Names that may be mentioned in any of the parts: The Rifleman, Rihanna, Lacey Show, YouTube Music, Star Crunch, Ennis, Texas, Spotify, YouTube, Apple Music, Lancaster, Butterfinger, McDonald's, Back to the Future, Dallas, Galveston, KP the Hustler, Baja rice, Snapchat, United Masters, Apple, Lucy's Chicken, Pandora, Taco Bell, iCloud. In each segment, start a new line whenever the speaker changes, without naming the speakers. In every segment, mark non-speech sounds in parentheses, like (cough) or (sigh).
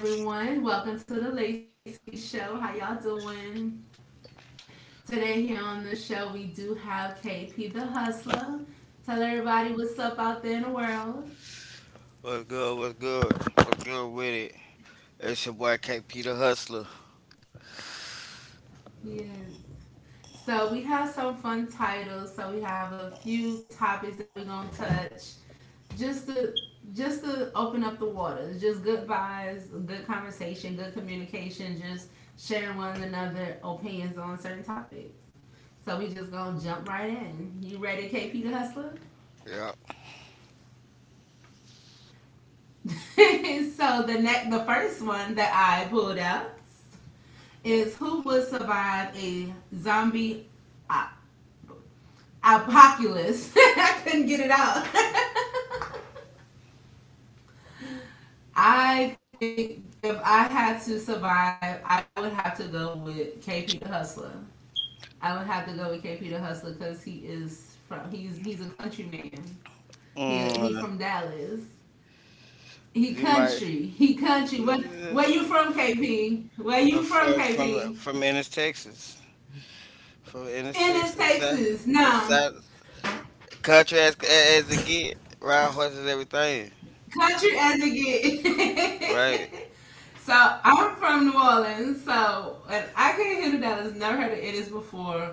Welcome everyone. Welcome to the Lacey Show. How y'all doing? Today here on the show we do have KP the Hustler. Tell everybody what's up out there in the world.
What's good? What's good? What's good with it? It's your boy KP the Hustler.
Yes. So we have some fun titles. So we have a few topics that we're gonna touch, just to just to open up the waters. Just good vibes, good conversation, good communication. Just sharing one another opinions on certain topics. So we just gonna jump right in. You ready, KP the Hustler?
Yeah.
(laughs) So the next, the first one that I pulled out is who would survive a zombie Apoculus. (laughs) I couldn't get it out. (laughs) I think if I had to survive, I would have to go with KP the Hustler. I would have to go with KP the Hustler because he is from he's a country man. He from
Mm,
Dallas. He
you might.
country. He country. Where you from, KP? Where you
I'm
from,
from
KP?
from from Ennis, Texas. From Ennis,
Ennis,
Texas,
Texas.
South, the
No.
South country as it get. Ride horses, everything.
Country as it
Right?
get. (laughs) So I'm from New Orleans, so and I can't hear the Dallas. Never heard of Ennis before,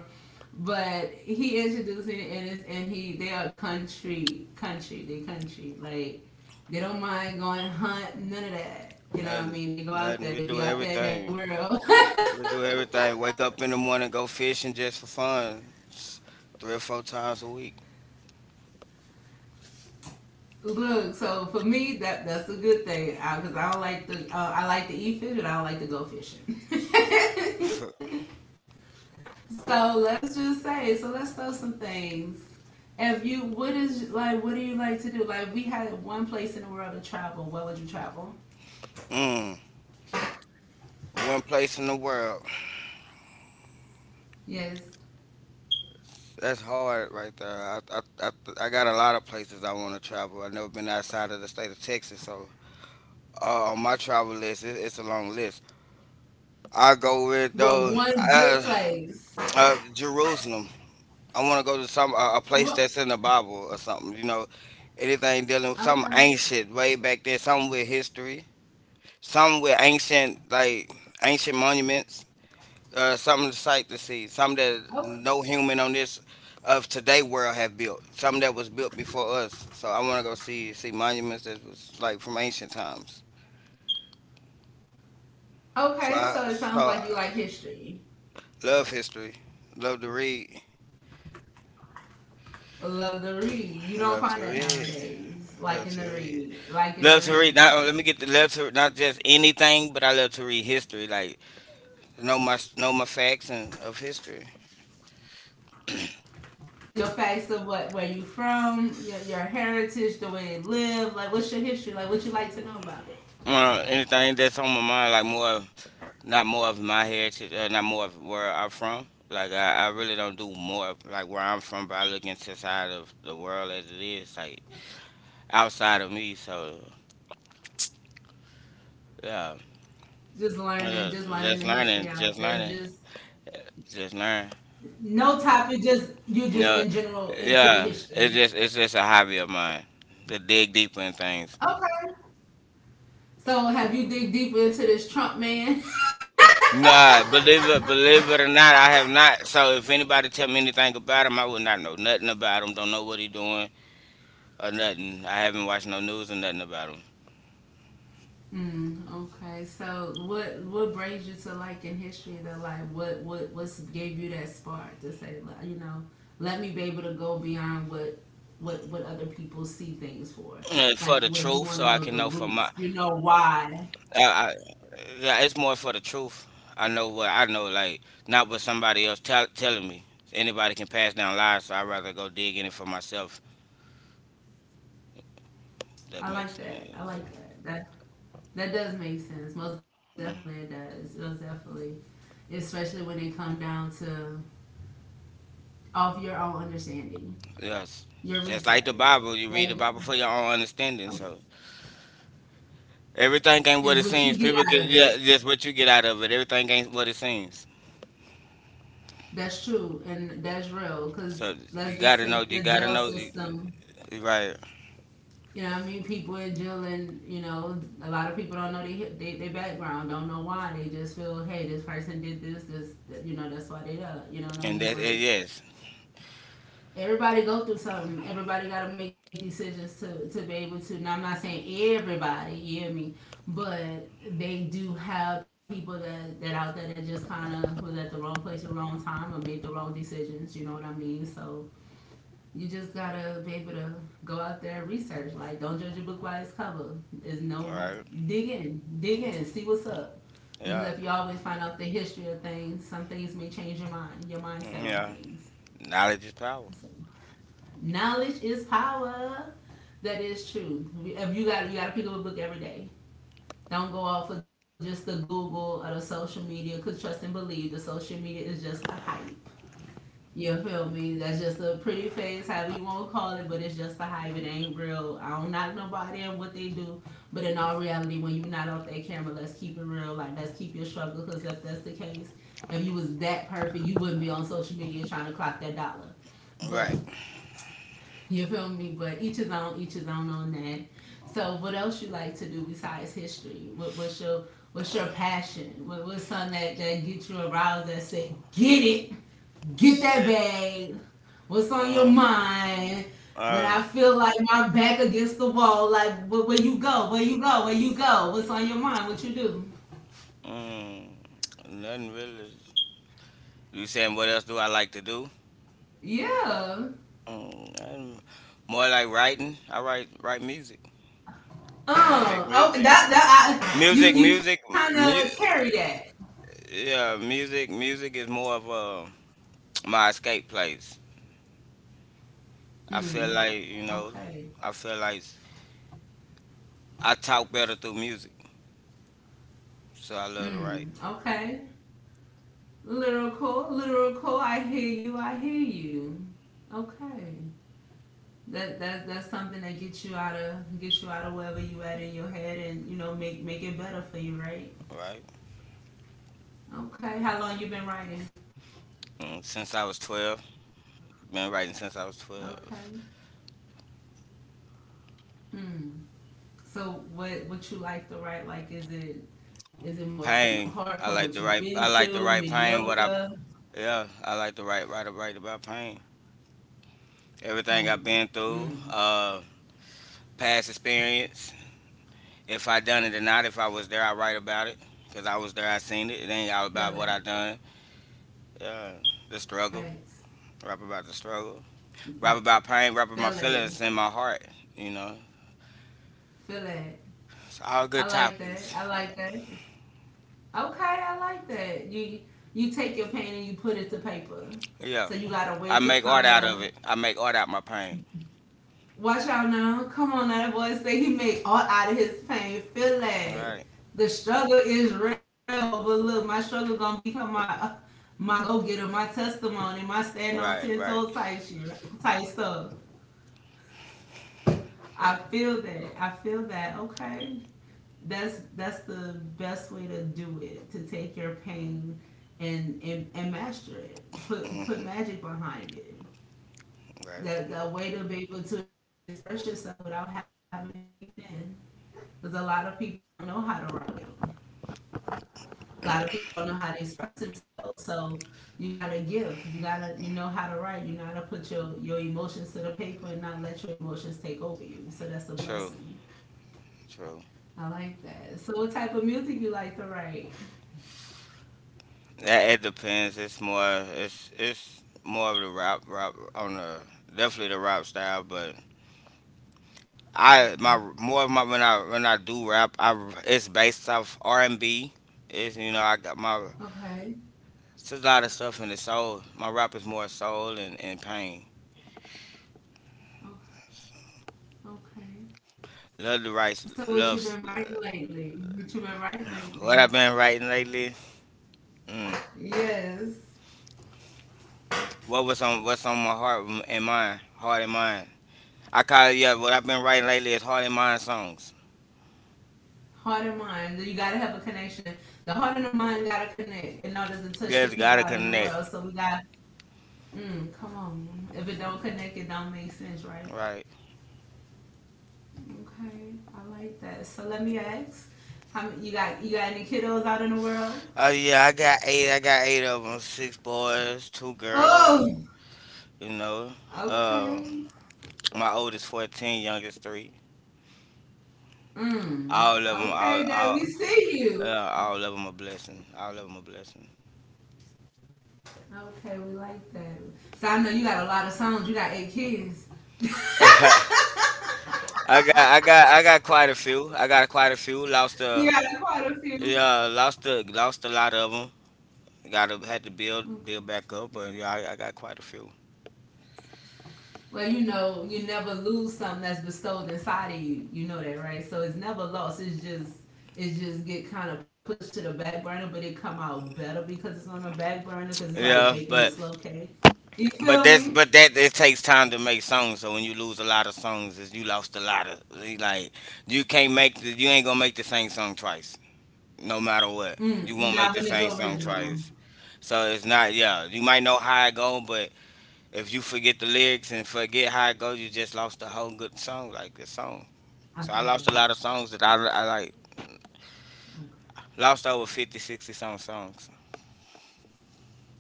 but he introduced me to Ennis, and he they are country, country, they country. Like they don't mind going hunt, none of that. You know what I
Nothing.
mean? They go out
Nothing.
there,
We
they
do
be out there in that
everything.
world.
We do everything.
(laughs)
Wake up in the morning, go fishing just for fun. Three or four times a week.
Look, so for me, that's a good thing because I don't like the I like to eat fish, but I don't like to go fishing. (laughs) So let's just say, so let's throw some things. If you, what is like, what do you like to do? Like, we had one place in the world to travel. Where would you travel?
(laughs) mm. One place in the world.
Yes,
That's hard right there. I got a lot of places I want to travel. I've never been outside of the state of Texas, so on my travel list, it's a long list. I go with
but
though
one good
uh,
place.
Jerusalem. I want to go to some a place
Well,
that's in the Bible or something. You know, anything dealing with something ancient
okay.
way back there, something with history, something with ancient like ancient monuments. Something sight to see, something
Oh,
that no human on this of today world have built, something that was built before us. So I want to go see monuments that was like from ancient times.
okay.
So
So
I
it sounds
so
like you
I
like history.
love history, love to read,
Love to read. You don't
I
find
love
that
to read,
nowadays. Like in the
love to
read.
read,
Like in the
love to
read.
read. Not let me get the love to not just anything, but I love to read history, like know my facts and of history.
Your facts of what, where you from, your heritage, the way you live. Like, what's your history? Like, what you like to know about it?
Anything that's on my mind, like more. Not more of my heritage, not more of where I'm from. Like I really don't do more of, like where I'm from, but I look into side of the world as it is, like outside of me. So yeah.
just
Uh,
learning, just
just
learning the history
learning,
out
just
there.
learning,
Just
just learn.
no topic, just you just in
No,
general into the
yeah,
history.
it's just a hobby of mine to dig deeper in things.
Okay. So have you dig deep into this Trump man? (laughs)
Nah, believe it or not, I have not. So if anybody tell me anything about him, I would not know nothing about him. Don't know what he doing or nothing. I haven't watched no news or nothing about him.
Okay. So what brings you to like in history though? Like what what's gave you that spark to say like, you know, let me be able to go beyond what what other people see things for.
And for the
Like
truth,
where
so
you
I can
want to
know for
know the
my,
roots, you know why.
I, yeah, it's more for the truth. I know what I know, like not what somebody else tell, telling me. Anybody can pass down lies, so I'd rather go dig in it for myself. That makes
I like
sense.
that. I like that. That does make sense. Most
Mm,
definitely it does. Most definitely. Especially when they come down to off your own understanding,
yes, just
your
like the Bible, you
research.
read the Bible for
That
your own understanding. So everything ain't what it seems.
is what
People
you
get
get
yeah,
out of
just
it.
what you get out of it. Everything ain't what it seems.
That's true and that's real
So
because
you gotta
let's
know,
just
you
take
gotta
the
know,
jail
you,
system.
right?
You know, what I mean, people in jail, and you know, a lot of people don't know they they background, don't know why. They just feel, hey, this person did this, this, that, you know, that's why they up. You
And
know what
that
I mean?
yes,
But everybody go through something. Everybody got to make decisions to be able to. Now, I'm not saying everybody, you hear me? But they do have people that, out there that just kind of was at the wrong place at the wrong time or made the wrong decisions. You know what I mean? So you just got to be able to go out there and research. Like, don't judge a book by its cover. There's no
right?
dig in. Dig in. See what's up.
Yeah.
Because if you always find out the history of things, some things may change your mind, your
Mm,
mindset
yeah.
on things.
Knowledge is power.
So knowledge is power. That is true. If you got to pick up a book every day. Don't go off of just the Google or the social media. 'Cause trust and believe, the social media is just the hype. You feel me? That's just a pretty face, however you want to call it, but it's just the hype. It ain't real. I don't knock nobody and what they do, but in all reality, when you're not off that camera, let's keep it real. Like let's keep your struggle, 'cause if that's the case, if you was that perfect, you wouldn't be on social media trying to clock that dollar. But
Right.
you feel me? But each his own on that. So what else you like to do besides history? What what's your passion? What, what's something that, gets you aroused that say, get it, get that
Shit.
bag, what's on your
Mm,
mind? When I
uh,
feel like my back against the wall, like where you go, where you go, where you go, what's on your mind, what you do?
mm, Nothing really. You saying what else do I like to do?
Yeah.
Mm, nothing. More like writing. I write music. Make
Oh, that
music.
that I,
Music,
you
music,
kind of carry
mu-
that.
yeah, music, music is more of a my escape place.
Mm.
I feel like you
Okay.
know, I feel like I talk better through music, so I
Mm.
love to write.
Okay. Lyrical, lyrical. I hear you. I hear you. Okay. That's something that gets you out of gets you out of wherever you at in your head, and you know make it better for you, right?
Right.
Okay. How long you been writing?
Mm, since I was 12, been writing since I was
Okay.
12.
Mm. So what you like to write? Like is it more from the heart, from
Pain.
what you've
I
been
like to
through,
write. I like to write
mediocre,
pain. What I yeah. I like to write. Write. Write about pain.
pain?
Everything I've been
Mm.
through. Past experience. If I done it or not. If I was there, I write about it. Cause I was there. I seen it. It
Feel
ain't
that.
all about what I done. Yeah. The
Facts.
struggle. Rap about the struggle.
Hmm.
Rap about
Feel
pain. Rap about my
it.
feelings in my heart. You know.
Feel it.
It's
I
all
like
good
that. I
topics.
like that. Okay, I like that. You take your pain and you put it to paper. So you
Yeah.
got a way to
I
kind
make art
of
out of it. I make art out my pain.
watch out now. Come on, now that boy say he made art out of his pain. Feel that
Right.
the struggle is real, but look, my struggle gonna become my go getter, my testimony, my stand on
Right.
ten
Right.
toes type shit, type stuff. I feel that. I feel that. Okay, that's the best way to do it to take your pain and and master it put
Hmm.
put magic behind it
Right.
that way to be able to express yourself without having to keep it in because a lot of people don't know how to write a lot of people don't know how to express themselves so you gotta give you gotta you know how to write you know how to put your emotions to the paper and not let your emotions take over you so that's a blessing
True. True.
I like that so what type of music you like to write
That it depends. It's more. It's more of the rap on the definitely the rap style, but. I my
okay
more of my when I do rap, I it's based off R and B. It's you know I got my
okay
it's a lot of stuff in the soul. My rap is more soul and pain.
okay.
Love to write
So what you
love
been writing lately? What you been writing lately?
what I've been writing lately. Mm.
Yes.
What was on what's on my heart and mind, heart and mind. I call it yeah. What I've been writing lately is heart and mind songs.
Heart and mind. You gotta have a connection. The heart and the mind gotta connect in order to touch
Just
the
gotta
people out in the
connect.
world. So we got come on. If it don't connect it don't make sense, right?
Right.
Okay. I like that. So let me ask. How many, you got any kiddos out in the world?
Oh yeah, I got 8. I got 8 of them. 6 boys, 2 girls.
Oh
You know, uh,
okay.
my oldest 14, youngest 3. All of
Mm.
them, all,
Okay, Dad, we see you.
all of them a blessing. All of them a blessing.
Okay, we like that. So I know you got a lot of songs. You got eight kids.
(laughs) I got quite a few. I got quite a few.
You got quite a
Yeah,
few.
lost a lot of them. Got to had to build, build
Okay.
back up. But yeah, I got quite a few.
Well, you know, you never lose something that's bestowed inside of you. You know that, right? So it's never lost. It's just it just get kind of pushed to the back burner, but it come out better because it's on the back burner because it's
Yeah,
like baking a slow cake. You
but
feel
that's
me?
but that it takes time to make songs. So when you lose a lot of songs, is you lost a lot of like you can't make the, you ain't gonna make the same song twice. No matter what, you won't make the same
Not when it's
song twice.
original.
So it's not yeah. You might know how it go, but if you forget the lyrics and forget how it goes, you just lost the whole good song, like the song. So I lost a
I
lot of
feel
songs
that.
that I like
Okay.
lost over 50, 60 some songs.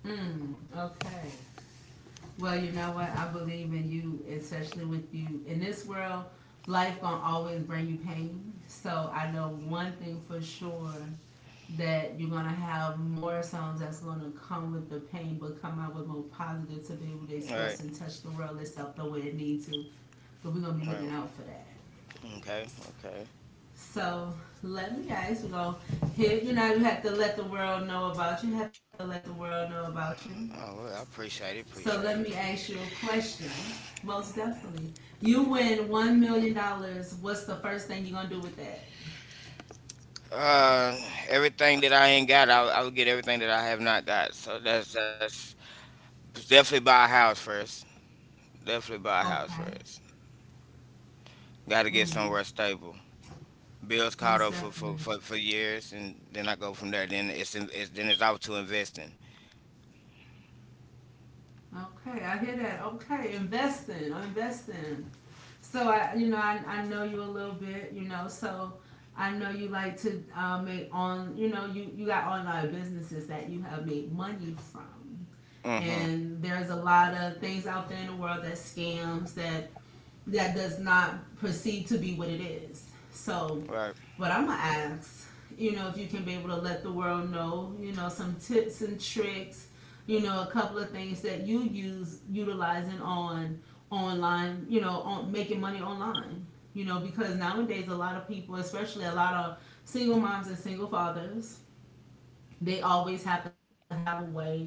Okay. Well, you know what? I believe in you, especially with you in this world. Life gonna always bring you pain. So I know one thing for sure that you're gonna have more songs that's gonna come with the pain, but come out with more positive to be able to
Right,
express and touch the world itself the way it needs to. But we're gonna
right.
be looking out for that.
Okay, okay.
So let me guys, we're gonna hit. You know, you have to let the world know about you. Have to let the world know about you.
Oh, well, I appreciate it.
So let
Appreciate
me
it.
ask you a question. Most definitely. You win $1 million. What's the first thing you're gonna do with that?
Uh, everything that I ain't got, I'll get everything that I have not got. So that's definitely buy a house first. Definitely buy a house first.
Okay.
Got to get somewhere stable.
Mm,
Bills caught up
most
for
definitely.
years, and then I go from there. Then it's, in, it's then it's off to investing.
Okay, I hear that. Okay, investing, investing. So you know, I know you a little bit, you know. So I know you like to make on, you know, you got online businesses that you have made money from,
Mm-hmm.
and there's a lot of things out there in the world that scams that does not proceed to be what it is.
Right.
So, what I'm gonna ask, you know, if you can be able to let the world know, you know, some tips and tricks, you know, a couple of things that you use utilizing on online, you know, on making money online. You know, because nowadays a lot of people, especially a lot of single moms and single fathers, they always have to have a way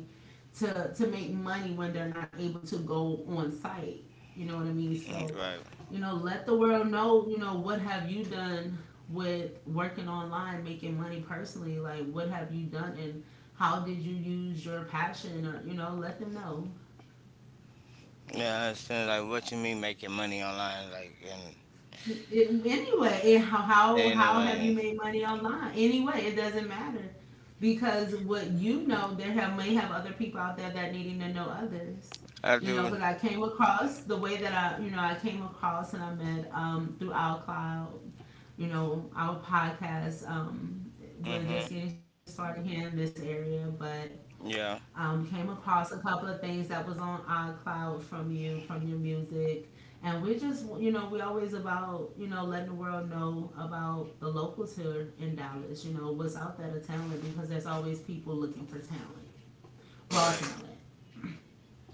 to make money when they're not able to go on site. You know what I mean?
Mm,
So,
right.
you know, let the world know, you know, what have you done with working online making money personally, like what have you done and how did you use your passion? Or, you know, let them know
Yeah. It's kinda like what you mean making money online? Like and
it, anyway it, how, how
anyway,
how have you made money online anyway? It doesn't matter because, what you know, there have may have other people out there that needing to know others,
I do.
you know. Because I came across the way that I you know I came across and I met through Outcloud, you know, our podcast.
Mm-hmm.
We're just getting started here in this area, but
Yeah.
came across a couple of things that was on iCloud from you, from your music. And we just, you know, we always about, you know, letting the world know about the locals here in Dallas, you know, what's out there to talent, because there's always people looking for talent, raw
Right.
talent.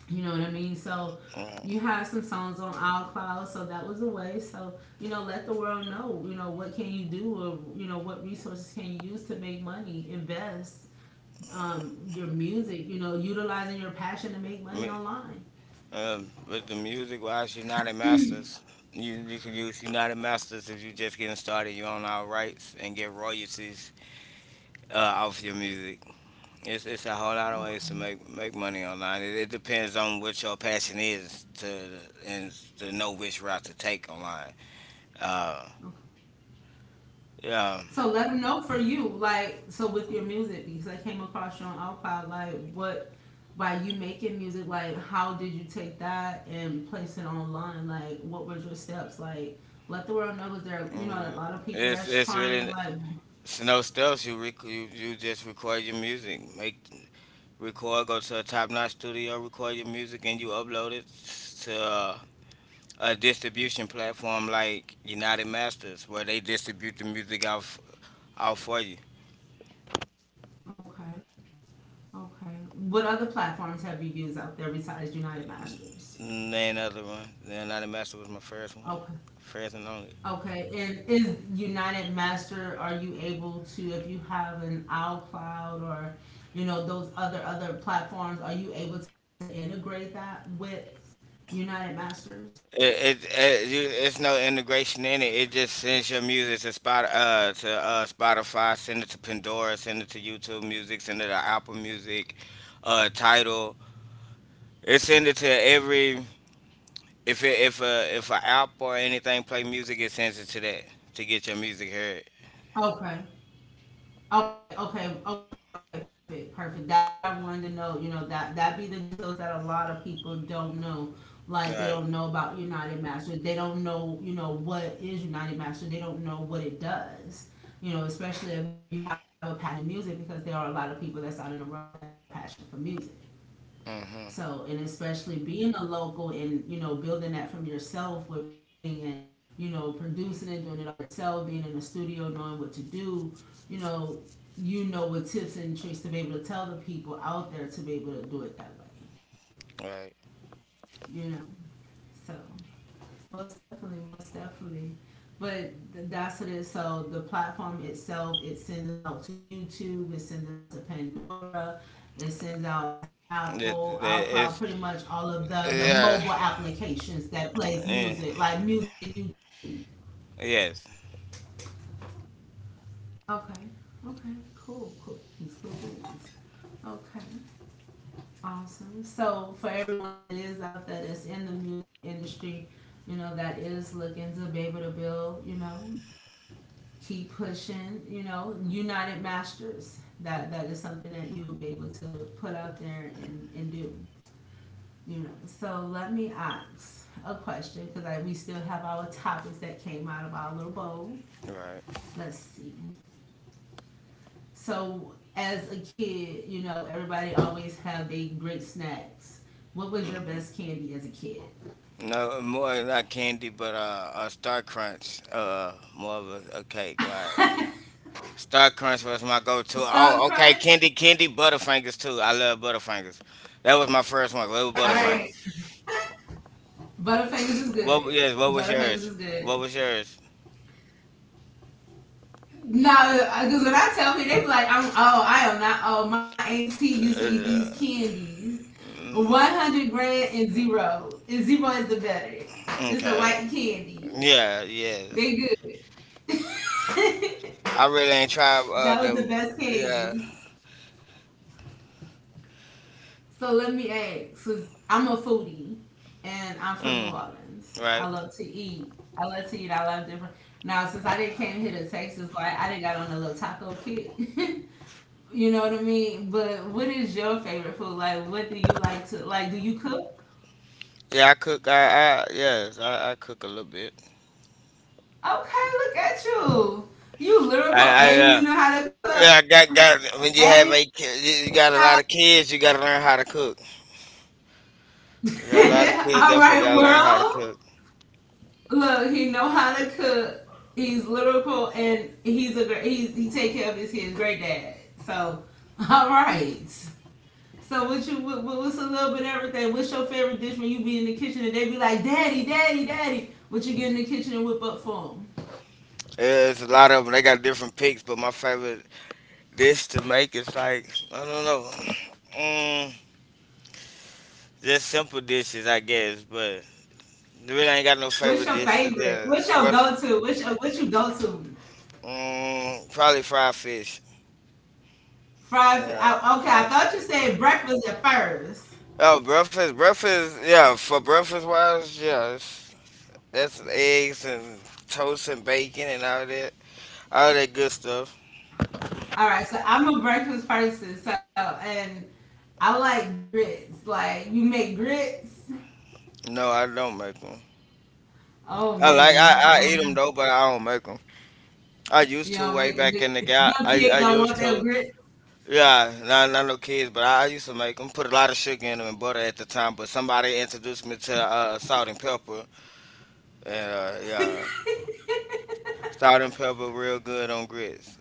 You know what I mean? So
Right.
you had some songs on iCloud, so that was a way. So, you know, let the world know. You know, what can you do, or you know what resources can you use to make money, invest your music. You know, utilizing your passion to make
Me.
money online.
With the music wise, United Masters. You can use United Masters if you're just getting started. You own all rights and get royalties off your music. It's a whole lot of ways to
Okay.
make money online. It depends on what your passion is to and to know which route to take online. Uh,
Okay.
yeah.
So let them know, for you, like, so with your music, because I came across you on Outcloud, like, what, by you making music, like, how did you take that and place it online? Like, what were your steps? Like, let the world know, because there,
Mm,
you know, a lot
It's
of
it's
people that's
really
trying, like,
it's no steps. You you just record your music, make record, go to a top notch studio, record your music, and you upload it to a distribution platform like United Masters, where they distribute the music out out for you.
okay, okay. What other platforms have you used out there besides United Masters?
Name another one. The United Masters was my first one,
Okay.
first and only.
Okay, and is United Master, are you able to, if you have an iCloud, or, you know, those other, other platforms, are you able to integrate that with United Masters?
It you, it's no integration in it. It just sends your music to spot to Spotify, send it to Pandora, send it to YouTube Music, send it to Apple Music, Title. It sends it to every if it, if a app or anything play music, it sends it to that to get your music heard.
Okay, okay, okay, okay, okay, perfect, perfect. That's what I wanted to know. You know, that that be the details that a lot of people don't know. Like, they don't
Right.
know about United Masters. They don't know, you know, what is United Masters. They don't know what it does. You know, especially if you have a passion in music, because there are a lot of people that's out in the world that have a passion for music. So,
Mm-hmm.
and especially being a local and, you know, building that from yourself with writing and, you know, producing and doing it all yourself, being in the studio, knowing what to do, you know, you know, with tips and tricks to be able to tell the people out there to be able to do it that way,
Right.
you know? So. Most definitely, most definitely. But that's what it is. So the platform itself, it sends it out to YouTube, it sends it out to Pandora, it sends out to Apple,
That
iCloud, pretty
that
much
is
all of the mobile
yeah.
applications that plays music, like
Eh,
music YouTube.
yes.
Okay. Okay. Cool. Cool. It's cool beans. Okay. Awesome. So for everyone that is out there that's in the music industry, you know, that is looking to be able to build, you know, keep pushing. You know, United Masters. That that is something that you will be able to put out there and do. You know. So let me ask a question, because like, we still have our topics that came out of our little bowl.
Right.
Let's see. So, as a kid, you know, everybody always have their great snacks. What was your best
Mm-hmm.
candy as a kid?
No more not candy, but a Star Crunch. More of a cake wise. Star Crunch was my
(laughs)
go-to.
Stop
Oh, okay.
Crunch.
Candy, candy, Butterfingers too. I love Butterfingers. That was my first one. What
All
was
right.
Butterfinger?
Butterfingers is good.
What? Yes. What was
Butterfingers is
yours?
good.
What was yours?
No, because when I tell people, they be like, "I'm oh, I am not oh." My auntie used to eat these candies, 100 Grand and zero is the better. It's the
Okay.
white candy.
Yeah.
They
Yes.
good. (laughs)
I really ain't tried
That was the
the
best
yeah.
candy. So let me ask, since I'm a foodie and I'm from New
Mm.
Orleans, I
Right.
love to eat. I love to eat. I love different. Now, since I didn't came here to Texas, like I didn't got on a little taco kick. (laughs) You know what I mean? But what is your favorite food? Like, what do you like to like? Do you cook?
Yeah, I cook. I yes, I cook a little bit.
Okay, look at you. You lyrical
I, I
and you know how to cook.
Yeah, I got. When
And
you
you know
have a
how to
kid, you
cook.
got a lot of kids. You got to learn how to cook. You got a lot of
(laughs) All
kids.
right,
Definitely got to learn how to
world.
cook.
Look, he know how to cook. He's lyrical and he's a great. He take care of his kids. Great dad. So, all right. So what you what, what's a little bit of everything? What's your favorite dish when you be in the kitchen and they be like, Daddy, Daddy, Daddy? What you get in the kitchen and whip up for them?
Yeah, it's a lot of them. They got different picks, but my favorite dish to make is like I don't know, mm, just simple dishes, I guess. But really, I ain't got no
What's your
favorite dish. To,
favorite? What's
yeah,
your
what's
go-to? What's your, what you go to?
mm, probably fried fish.
Fried.
Yeah,
I, okay, I
fried
thought you
fish.
said breakfast at first.
Oh, breakfast, breakfast, yeah, for breakfast wise, yeah, it's, that's eggs and toast and bacon and all that good stuff.
All right, so I'm a breakfast person. So, and I like grits. Like, you make grits.
No, I don't make them.
Oh
I like
man, I don't
I eat
know.
them though, but I don't make them. I
You
used to
don't make
way back in the
the
guy.
your kid
I
don't want
used
their
to.
grits.
Yeah, not not no kids, but I used to make them. Put a lot of sugar in them and butter at the time. But somebody introduced me to salt and pepper, and yeah, salt and pepper real good on grits.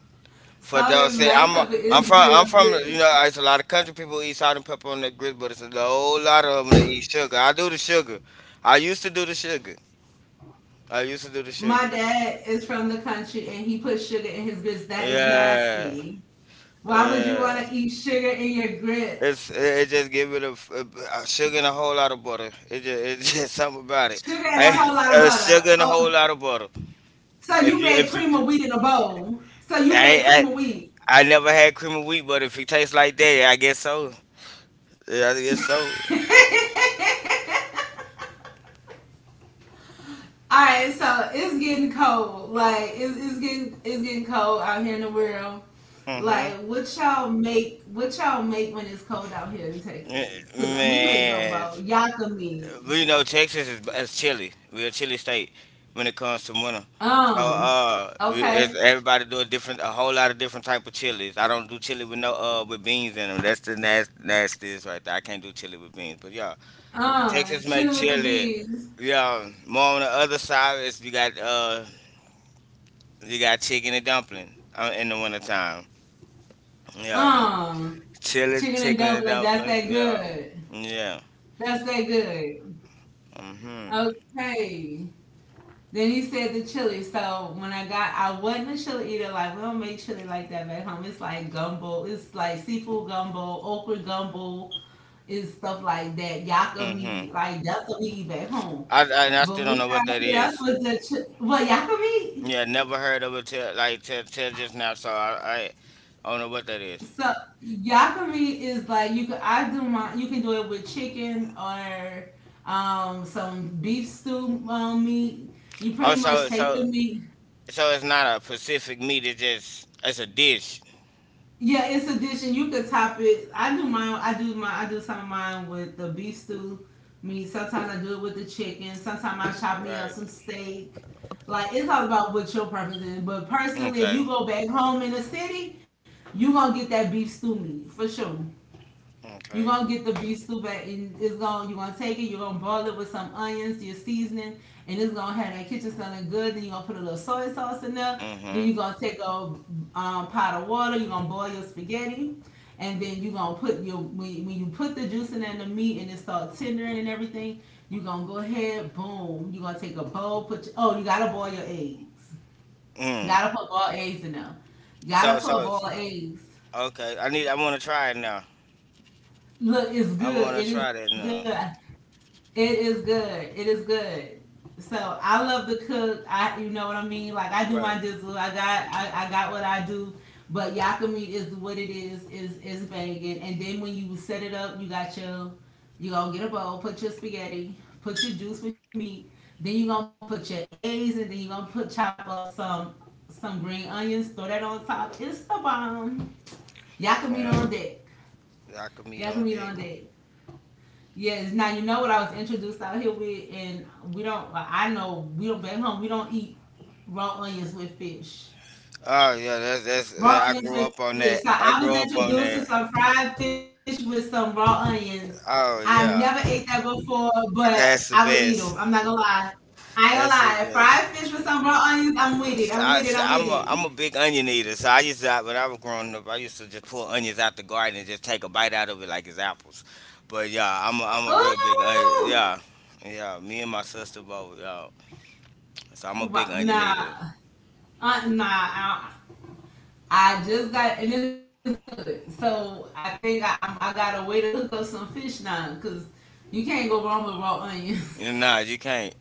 (laughs) Salt
For
and
those
black
say
pepper is good on
I'm from
grits.
you know it's a lot of country people eat salt and pepper on their grits, but it's a whole lot of them that eat sugar. I do the sugar. I used to do the sugar. I used to do the
My
sugar.
dad is from the country and he puts sugar in his grits. That is
Yeah,
nasty. Why would you want to
yeah.
eat sugar in your grits?
It just give it a, a sugar and a whole lot of butter. It just it's (laughs) just something about it.
Sugar and a whole
I
lot of butter.
sugar and a
Oh,
whole lot of butter.
so you
If
made
you tr-
cream of wheat in a bowl. So you made
I
cream of wheat.
I
(laughs)
never had cream of wheat, but if it tastes like that, I guess so. Yeah, I guess so.
All right, so it's getting cold. Like, it's getting, it's getting cold out here in the world.
hmm
Like, what y'all make? What y'all make when it's cold out here in
Eh,
Texas? 'Cause we make
Man,
gumbo, yakami,
we know Texas is chilly. We're a chilly state when it comes to winter. So
um, okay,
everybody do a whole lot of different type of chilies. I don't do chili with no with beans in them. That's the nastiest right there. I can't do chili with beans. But yeah,
chilling
Texas
with the
make chili.
bees,
Yeah, more on the other side is you got chicken and dumpling in the wintertime. Yeah,
um.
chili,
Chicken
chicken
and
and
dumplings, that's
dumplings.
that
Yeah,
good.
yeah.
That's that good. Okay. Then you said the chili. So when I got, I wasn't a chili eater. Like, we don't make chili like that back home. It's like gumbo. It's like seafood gumbo, okra gumbo. It's stuff like that. Yakka
Mhm.
meat. Like, that's what we eat back home.
I
But
still
when
don't
we
know what
got
that
here, that's
is.
what the what yakka meat.
Yeah, never heard of it till just now. So I don't know what that is.
So yakami is like you could I do my you can do it with chicken or some beef stew meat. You
Oh,
pretty
so
much take
so
the meat.
so it's not a Pacific meat. It's just it's a dish,
Yeah, it's a dish and you could top it. I do mine I do my I do some of mine with the beef stew meat. Sometimes I do it with the chicken. Sometimes I chop me
right?
up some steak. Like, it's all about what your preference is. But personally,
Okay,
if you go back home in the city, you gonna get that beef stew meat for sure. You're
okay.
gonna get the beef soup at, and it's gonna you're gonna take it, you're gonna boil it with some onions, your seasoning, and it's gonna have that kitchen sounding good. Then you're gonna put a little soy sauce in there.
Mm-hmm.
Then you're gonna take a pot of water, you're gonna boil your spaghetti, and then you're gonna put your when, you put the juice in and the meat and it starts tendering and everything, you're gonna go ahead, boom, you're gonna take a bowl, put your, oh, you gotta boil your eggs.
Mm.
Gotta put boiled eggs in there.
So
Gotta
so
put boiled eggs.
okay. I need. I want to try it now.
Look, it's
I
good.
want
It
to
is
try
good.
that
I
now.
It is good. It is good. So I love to cook. I you know what I mean? Like, I do my
Right.
dizzle. I got I got what I do. But yakka meat is what it is, is vegan. And then when you set it up, you got your you gonna get a bowl, put your spaghetti, put your juice with your meat, then you gonna put your eggs, and then you gonna put chop up some green onions, throw that on top. It's the bomb. Yakka meat on
Yeah.
deck.
Lock
Yakka
meat
meat
on
on
deck.
deck. Yes. Now you know what I was introduced out here with, and we don't. Well, I know we don't back home. We don't eat raw onions with fish.
Oh yeah,
Raw
I
onions
grew
with
up on
fish. So
that.
I
I
was
grew up
introduced
on
to
that.
some fried fish with some raw onions. I never
Oh
ate that
yeah,
before, but I would eat
that's the
them. I'm not gonna
best.
lie. I ain't gonna lie.
That's the
Fried fish with
best.
some raw onions. I'm with it. I'm with it.
So
I'm
I,
with
so
it.
I'm a big onion eater, so I used to when I was growing up, I used to just pull onions out the garden and just take a bite out of it like it's apples. But yeah, I'm a real big
Ooh.
onion. Yeah, yeah. Me and my sister both. Yeah, so I'm a big onion
Nah.
eater.
Nah. I just got, and it's good. So I think I I got a way to hook up some fish now, because you can't go wrong with raw onions.
You you can't.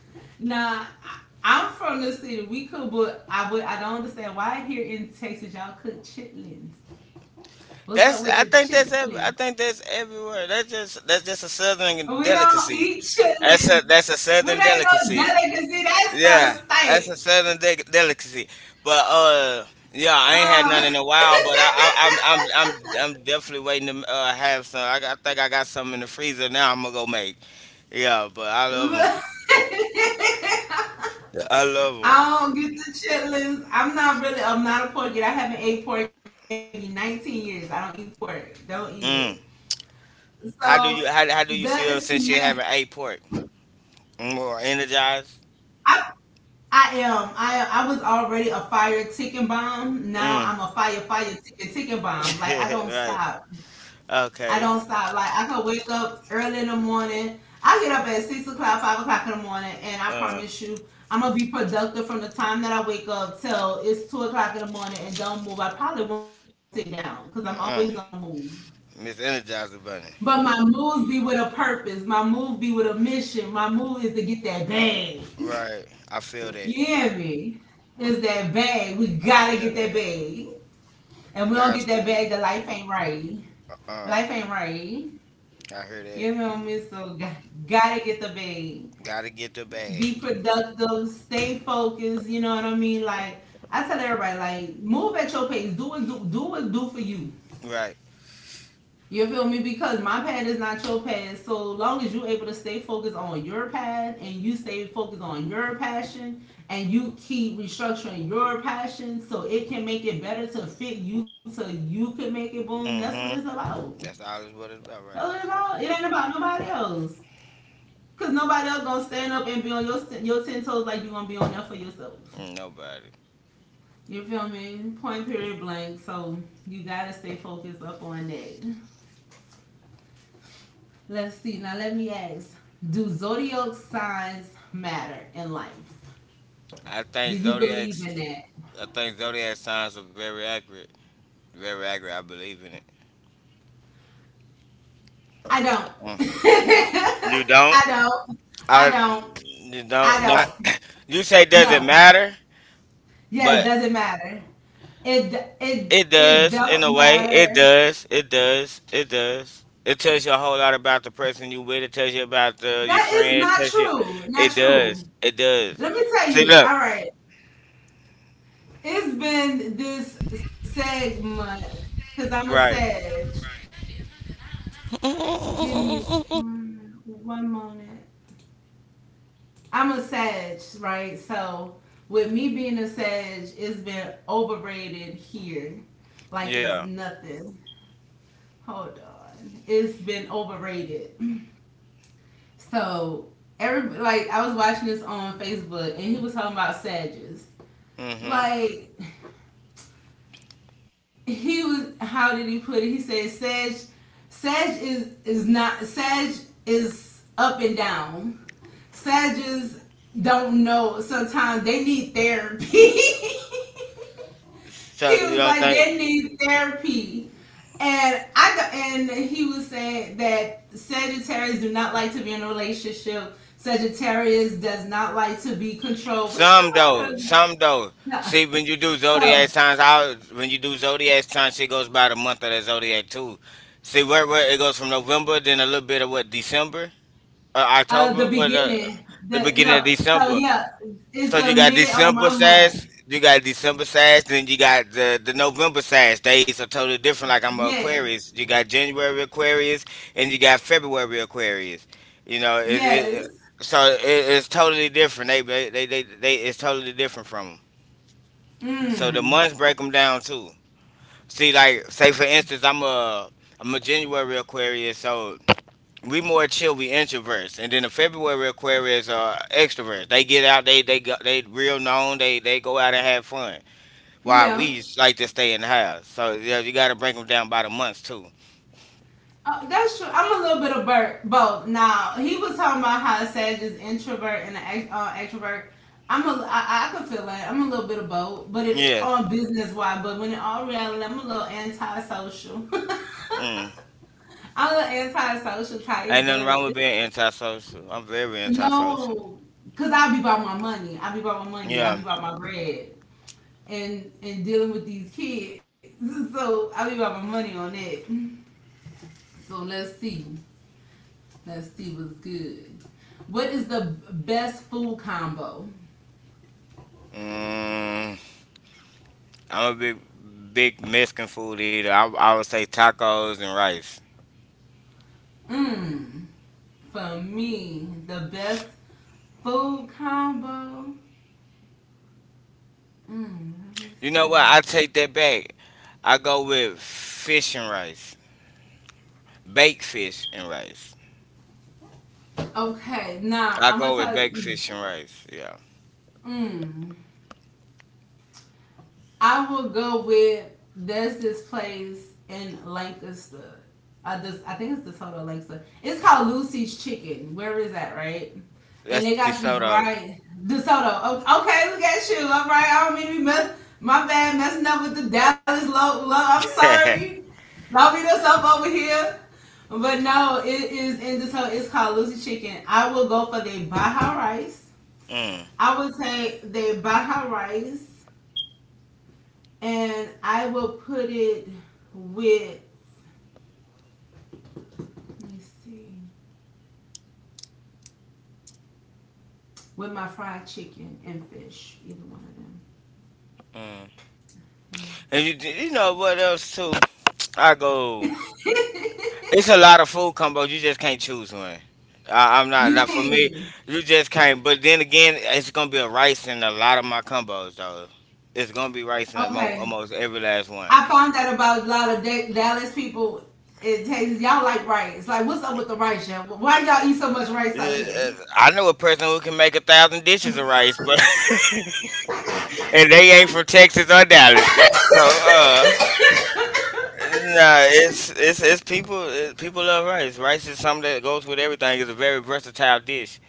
(laughs) Nah, I'm from the city. We cook, but I would I don't understand why here in Texas y'all cook chitlins. What's
That's
up
I
with the
think
chitlin?
I think that's everywhere. That's just a
We
southern
don't eat
delicacy.
chitlins.
That's a
We
southern
ain't no
delicacy.
delicacy. That
Yeah,
stuff
that's
stink.
a delicacy. But yeah, I ain't had none in a while. But I I'm definitely waiting to have some. I think I got some in the freezer now. I'm gonna go make. Yeah, but I love
Um,
them.
(laughs)
Yeah. I love them.
I don't get the chitlins. I'm not really. I'm not a pork eater. I haven't ate pork in maybe 19 years. I don't eat pork. Don't eat it.
Mm.
So
How do you
that
feel since
smell.
you haven't ate pork? More energized?
I I am. I was already a fire ticking bomb. Now
Mm.
I'm a fire ticking
(laughs)
bomb. Like I don't
Right.
stop. I
Okay.
don't stop. Like I can wake up early in the morning. I get up at 6 o'clock, 5 o'clock in the morning, and I
Uh.
promise you, I'm gonna be productive from the time that I wake up till it's 2 o'clock in the morning and don't move. I probably won't sit down because I'm
Uh.
always on the move.
Miss Energizer Bunny.
But my moves be with a purpose. My move be with a mission. My move is to get that bag.
Right. I feel that.
You hear me? It's that bag. We
I
gotta get
feel
that
that.
bag. And we don't get
Guys
that
too.
bag, the life ain't right.
Um.
Life ain't right.
I hear
You
that.
know me, so gotta get the bag.
Gotta get the
Be
bag.
productive, stay focused. You know what I mean? Like I tell everybody, like move at your pace. Do what do for you.
Right.
You feel me? Because my path is not your path. So long as you're able to stay focused on your path and you stay focused on your passion and you keep restructuring your passion so it can make it better to fit you so you can make it boom. That's what it's about.
Mm-hmm. That's all it's what
That's
it's
what it's
about, right?
about. It ain't about nobody else. Cause nobody else gonna stand up and be on your ten toes like you gonna be on there for yourself.
Mm, nobody.
You feel me? Point period blank. So you gotta stay focused up on that. Let's see. Now let me ask: do zodiac signs matter in life?
I think
Do you believe in
Zodiac's
that?
I think zodiac signs are very accurate. Very accurate. I believe in it.
I
Mm.
don't.
You
(laughs)
don't?
I don't. I
I
don't.
you don't
I
not
don't.
(coughs) (clears throat) you say does it
No.
matter?
Yes,
But
doesn't matter. It it
it
it
does in a
don't
way. It
matter.
does. It does. It does. It tells you a whole lot about the person you with. It tells you about your
That is
friend. It
not
tells you.
true.
It
Not true.
does. It does.
Let me tell
See,
you.
look.
All right. It's been this segment because I'm a Sag.
Right.
Give me one moment. I'm a Sag, right? So, with me being a Sag, it's been overrated here. Like it's
Yeah.
nothing. Hold on. It's been overrated. So, every, like, I was watching this on Facebook and he was talking about Sages.
Mm-hmm.
Like, he was how did he put it? He said Sag is not Sag is up and down. Sages don't know sometimes they need therapy. (laughs) He
So you
was
don't
like
think
they need therapy. And I and he was saying that Sagittarius do not like to be in a relationship. Sagittarius does not like to be controlled. What's up about that?
some though.
No.
See, when you do
So
zodiac signs, I when you do zodiac signs, she goes by the month of that zodiac too. See where it goes from November, then a little bit of what December,
The
October, what
beginning. The
the
no.
beginning of
So
December.
yeah, it's
So
the
you got
mid or my
December
month.
sash, you got December sash, then you got the November sash. Days are totally different. Like I'm a
Yes.
Aquarius. You got January Aquarius, and you got February Aquarius. You know,
Yes.
it, it's totally different. They it's totally different from them. So the
Mm.
months break them down too. See, like say for instance, I'm a January Aquarius, so we more chill. We introverts, and then the February Aquarius are extroverts. They get out. They go, they real known. They go out and have fun. While
Yeah.
we just like to stay in the house. So yeah, you got to break them down by the months too.
That's true. I'm a little bit of both. Now he was talking about how Sag is introvert and an extrovert. I'm a. I could feel that. I'm a little bit of both, but it
Yes.
on business wise. But when it all reality, I'm a little antisocial. (laughs)
Mm.
I'm an antisocial type,
Ain't
but
nothing wrong with being antisocial. I'm very antisocial.
no, cause I be about my money. I be about my money. I
Yeah.
be about my bread and dealing with these kids. (laughs) So I be about my money on that. So let's see. Let's see what's good. What is the best food combo?
Mm, I'm a big Mexican food eater. I would say tacos and rice.
Mmm. For me, the best food combo. Mmm. Let me
You know
see.
what? I take that back. I go with fish and rice, baked fish and rice.
Okay, now
I
I'm gonna
go with
tell
baked
you.
fish and rice. Yeah,
Mmm. I will go with there's this place in Lancaster. I think it's the Soto Lancaster. It's called Lucy's Chicken. Where is that, right? And
that's
they
the
got this
soto.
right DeSoto. Okay, look at you. All right, I don't mean to be mess. My bad, messing up with the Dallas low. Low. I'm
(laughs) Mm,
sorry. Don't beat us up over here. But no, it is in DeSoto. It's called Lucy's Chicken. I will go for the Baja rice.
mm.
I would take the Baja rice and I will put it with let me see with my fried chicken and fish, either one
And
of them.
you know what else too? I go.
Yeah.
It's a lot of food combos. You just can't choose one. I'm
(laughs) You
not for me.
can
You just can't. But then again, it's gonna be a rice in a lot of my combos though. It's gonna be rice in
okay.
almost every last one.
I found out about a lot of Dallas people in Texas. Y'all like rice. Like, what's up with the rice, y'all? Why y'all eat so much rice
Uh,
out here?
uh, I know a person who can make a thousand dishes of
(laughs)
rice, but (laughs) and they ain't from Texas or Dallas. So nah, it's people people love rice. Rice is something that goes with everything. It's a very versatile dish.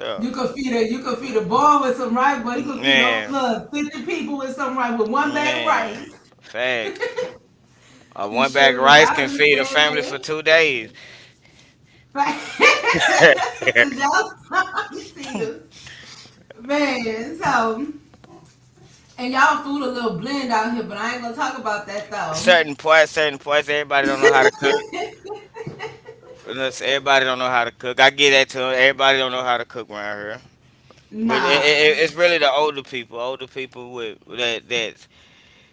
So,
You could feed a boy with some rice, boy. You could feed all
man,
look 50 people with some rice with one bag of
man,
rice.
facts.
(laughs) The
One bag
shoes,
of rice
I
can feed a family
understand
for 2 days.
that. (laughs) Cause
(laughs)
y'all (laughs) see us. Man, so and y'all food a little blend out here, but I ain't gonna talk about that though.
Certain parts, certain parts, everybody don't know how to cook.
(laughs)
Unless everybody don't know how to cook. I get that too. Everybody don't know how to cook around here. But
Nah.
it's really the older people with that that.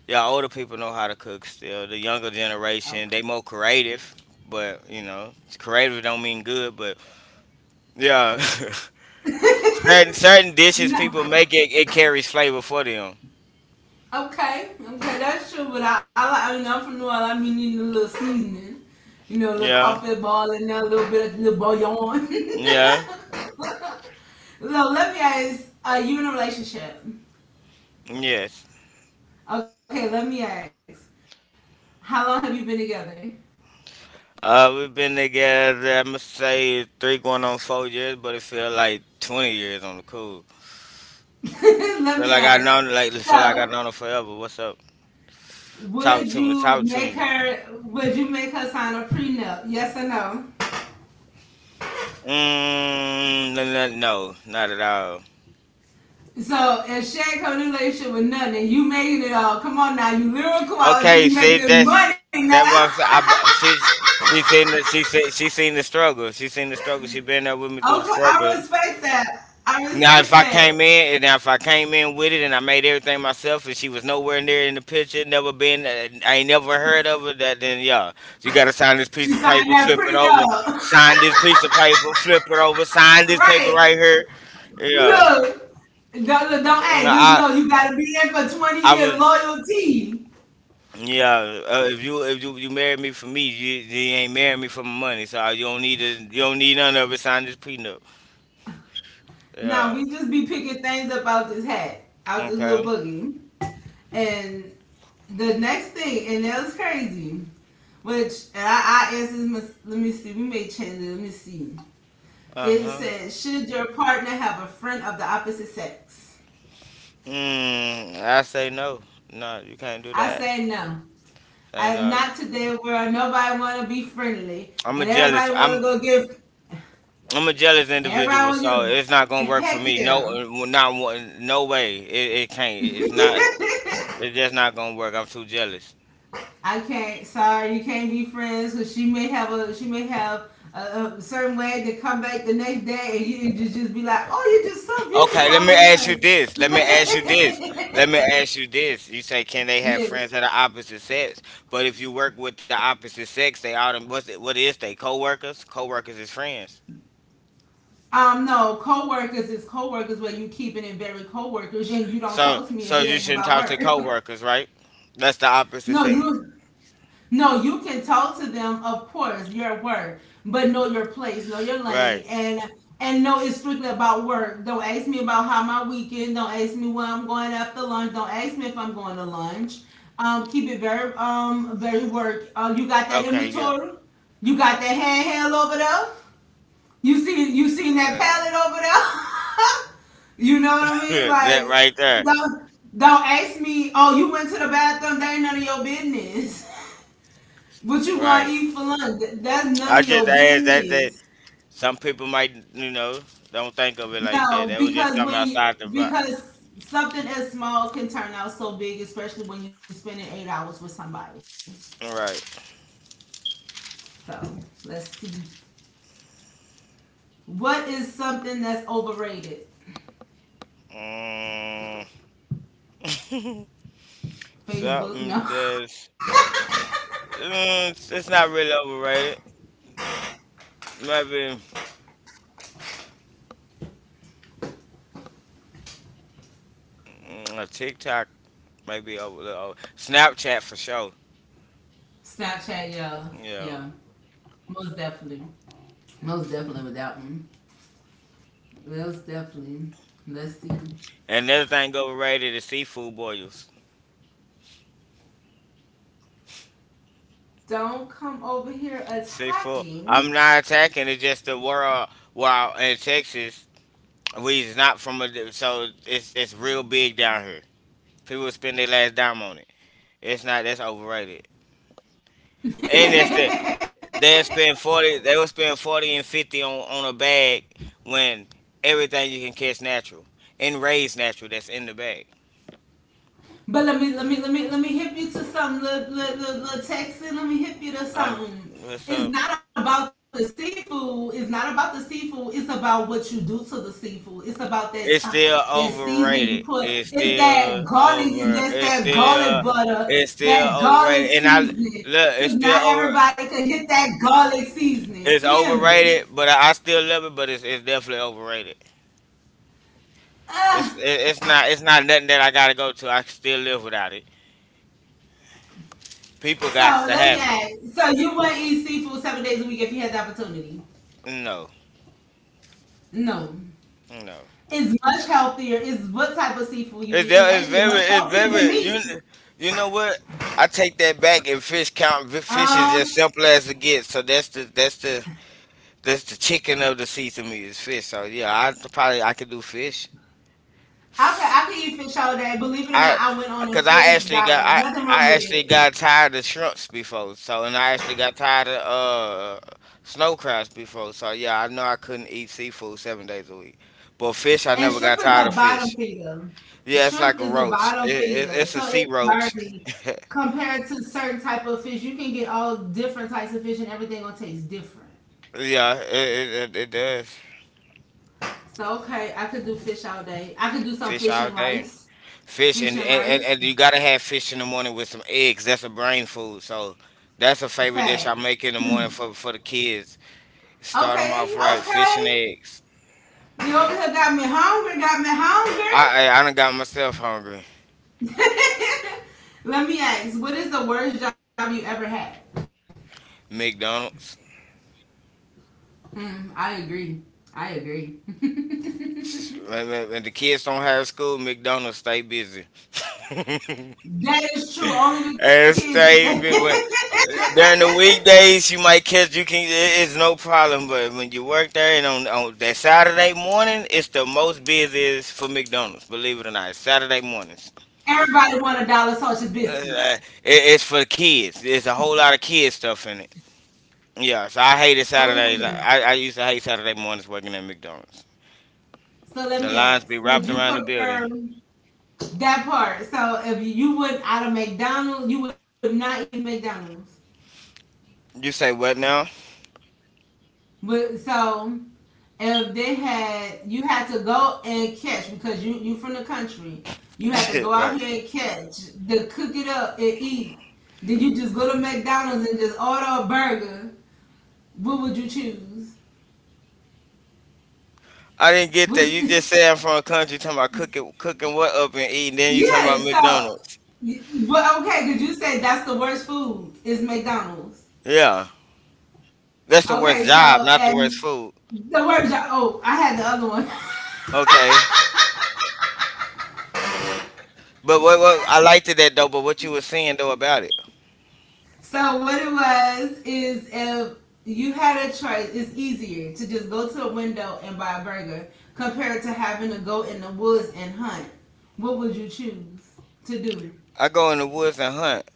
Yeah, older people know how to cook still. The younger generation,
Okay.
they more creative, but you know, creative don't mean good, but yeah. (laughs) Certain certain dishes
Nah.
people make it carries flavor for them.
Okay, okay, that's true. But I mean, I'm from New Orleans. I mean, need a little seasoning, you know, a little
Yeah.
crawfish ball in there, a little bit of little bouillon. (laughs)
Yeah.
So let me ask: are you in a relationship?
Yes.
Okay, let me ask: how long have you been together?
We've been together I'm gonna say three going on 4 years, but it feel like 20 years on the cool.
(laughs) Let me ask.
Feel like I
So,
known her forever. What's up?
would you
Talk to
make
me.
her? Would you make her sign a prenup? Yes or no?
Mm, no, no, no, not at all.
So, if she ain't coming in a relationship with nothing, you making it all. Come on now, you lyrical out here.
Okay,
You making
see
this money now. (laughs)
that what I'm saying. I,
Okay,
b- she seen she seen, she seen the struggle. She seen the struggle. She been there with me through the
I
struggle.
respect that. I
Now if
respect
I came
that.
in and now if I came in with it and I made everything myself and she was nowhere near in the picture, never been, I ain't never heard of her. That then yeah, so you gotta sign this
She
piece of
signed
paper,
that
flip it over,
prenup.
sign this piece of paper, flip it over,
(laughs)
sign this paper right
Right.
here. Yeah,
Look. Don't, look, don't
mm,
act. Just
I
know you gotta be in for
I
20
was.
years loyalty.
Yeah, if you married me for me, you ain't married me for my money, so you don't need it. You don't need none of it. Sign this prenup.
Now
Yeah.
we just be picking things up out this hat, out this little
Okay.
boogie. And the next thing, and that was crazy, which and I asked this. Let me see. We may change it. Let me see.
Uh
It
huh.
says, should your partner have a friend of the opposite sex?
Mm, I say no. No, you can't do that.
I say no.
And
I, not today, where nobody want to be friendly
I'm a
and
jealous.
everybody want to go give.
I'm a jealous individual,
Everybody
so
want
it's not gonna
to give.
work for
Heck
me. No,
yeah.
not no way. It can't. It's not. It's
(laughs)
just not gonna work. I'm too jealous.
I can't. Sorry, you can't be friends because she may have a she may have a certain way to come back the next day, and you just be like, "Oh, you're just so beautiful
Okay, let me
all of a
ask you
sudden."
this. Let me ask you this. Let me ask you this. You say, can they have friends
Yes.
of the opposite sex? But if you work with the opposite sex, they what is they coworkers? Coworkers is friends.
No. Co-workers is co-workers. Where you keeping it very co-workers, and you don't
So
talk to me if it
you
ain't
shouldn't
about
talk to
work.
coworkers, right? That's the
(laughs)
opposite
No,
sex,
you no, you can talk to them, of course, your work, but know your place, know your lane,
right?
and know it's strictly about work. Don't ask me about how my weekend. Don't ask me where I'm going after lunch. Don't ask me if I'm going to lunch. Keep it very very work.
Okay, yeah,
You got that inventory. You got that handheld over there. You seen that
uh,
pallet over there. (laughs) You know what I
(laughs)
mean?
that
Like
right there,
don't don't ask me. Oh, you went to the bathroom. That ain't none of your business. (laughs) What you gonna eat
right.
for lunch? That's none of
I
your
just asked that
business.
some people might you know don't think of it like that.
No,
That was just
because
something
when you,
outside the box,
because something as small can turn out so big, especially when you're spending 8 hours with somebody.
right?
So let's see. What is something that's overrated?
Mm. (laughs)
Facebook? No.
Something that's mm, it's not really overrated. Maybe mm, a TikTok, maybe over. Snapchat for sure.
(laughs) Snapchat? Yeah,
Yeah.
yeah. Most definitely. Most definitely with that one. Most definitely. Let's see.
And another thing overrated is seafood boils.
Don't come over here
Seafood. I'm
attacking.
not attacking. It's just the world. Well, in Texas, we is not from a di- so it's real big down here. People spend their last dime on it. It's not. That's overrated. And it's
(laughs)
they'll spend 40. They will spend 40 and 50 on a bag when everything you can catch natural and raise natural that's in the bag.
But let me hip you to something. Little little little let Texan. Let me hip you to
Um,
something.
what's
It's
up?
not about the seafood. It's not about the seafood. It's about what you do to the seafood. It's about that
It's
that
still
seasoning you put.
overrated.
It's
It's
that
still
garlic. It's
over.
that
It's
garlic
still.
butter.
It's
That
still
garlic
overrated. And I look.
seasoning. Cause
It's
not
still over.
everybody could hit that garlic seasoning. You hear
It's
me?
overrated, but I still love it. But it's definitely overrated.
Uh,
It's not nothing that I gotta go to. I can still live without it. People
so
got to
let me
have it.
ask. So you would eat seafood 7 days a week if you had the opportunity?
No,
No.
no.
Is much healthier. Is what type of seafood you eat is
It's
actually
very,
much
it's
healthier than
very.
meat.
You know what? I take that back. And fish count, fish is
Um,
as simple as it gets. So that's the chicken of the sea to me is fish. So yeah, I probably I could do fish.
I could eat fish all day. Believe it or
I,
not, I went on a
cause I
fish
actually got,
diet.
I,
Nothing
I
wrong with
actually
it.
got tired of shrimps before. So and I actually got tired of snow crabs before. So yeah, I know I couldn't eat seafood 7 days a week. But fish, I
And
never
shrimp
got
is
tired
a
of
bottom
fish.
feeder.
Yeah, it's like
Shrimp
a
is a
roach.
bottom feeder,
It's a
so
sea
it's
roach.
dirty
(laughs)
compared to certain type of fish. You can get all different types of fish, and everything gonna taste different.
Yeah, it does.
So okay, I could do fish all day. I could do some
Fish
fish and
all day.
rice.
Fish
Fish
and,
and
and and
rice,
and you gotta have fish in the morning with some eggs. That's a brain food. So that's a favorite dish I
fast.
make in the morning for the kids. Start them
Okay,
off right. Fish and
okay.
eggs.
You over here got me hungry, got me hungry.
I done got myself hungry.
(laughs) Let me ask, what is the worst job you ever had?
McDonald's.
Hmm, I agree. I agree. (laughs)
When the kids don't have school, McDonald's stay busy. (laughs)
That is true. Only the kids
It's
eat that.
David. When during the weekdays, you might catch. You can. It's no problem. But when you work there, and on that Saturday morning, it's the most busiest for McDonald's. Believe it or not, it's Saturday mornings.
(laughs) Everybody want a dollar sausage
Uh,
biscuit.
it, it's for kids. There's a whole lot of kids stuff in it. Yeah, so I hated
Oh,
Saturdays.
wee.
I used to hate Saturday mornings working at McDonald's.
So let
The
me
lines be
ask, would
wrapped
you
around the
prefer
building.
that part? So if you would out of McDonald's, you would not eat McDonald's.
You say what now?
But so if they had you had to go and catch because you from the country, you had to go
(laughs)
out
Right.
here and catch, to cook it up and eat. Then you just go to McDonald's and just order a burger. What would you choose?
I didn't get that.
What's
You just
the,
said I'm from a country talking about cooking what up and eating,
(laughs)
then you talking
yeah,
about
so
McDonald's.
but okay, because you said that's the worst food is McDonald's.
Yeah. That's the
Okay,
worst
so
job, not the
and
worst food.
the word oh, I had the other one. (laughs)
Okay. But what I liked it that though, but what you were saying though about it.
So what it was is if you had a choice, it's easier to just go to a window and buy a burger compared to having to go in the woods and hunt. What would you choose to do?
I go in the woods and hunt.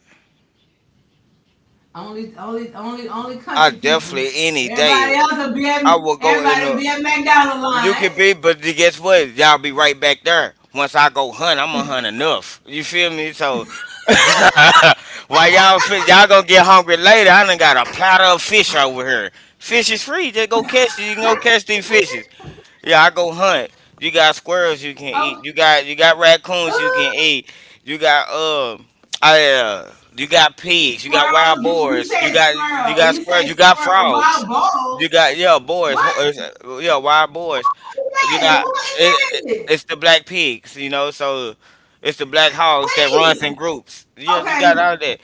Only
I
country people.
definitely any day
Everybody else will be at,
I will go in
Everybody
the.
will be at McDonald's
You can
line. (laughs)
be, but then guess what? Y'all be right back there. Once I go hunt, I'm gonna hunt enough. You feel me? So (laughs) while y'all gonna get hungry later, I done got a platter of fish over here. Fish is free. Just go catch it. You can go catch these fishes. Yeah, I go hunt. You got squirrels you can
Oh,
eat. You got raccoons you can
ooh.
eat. You got I you got pigs, you got
Squirrels!
wild
You
boars,
said
you got
squirrel. You said
squirrels, you got
squirrel. Wild
frogs.
balls.
You got yeah, boars,
What?
yeah, wild boars. You
That?
got
Who is that?
it's the black pigs, you know, so it's the black hogs that runs in
Wait.
groups. Yeah, you got
Okay.
all that.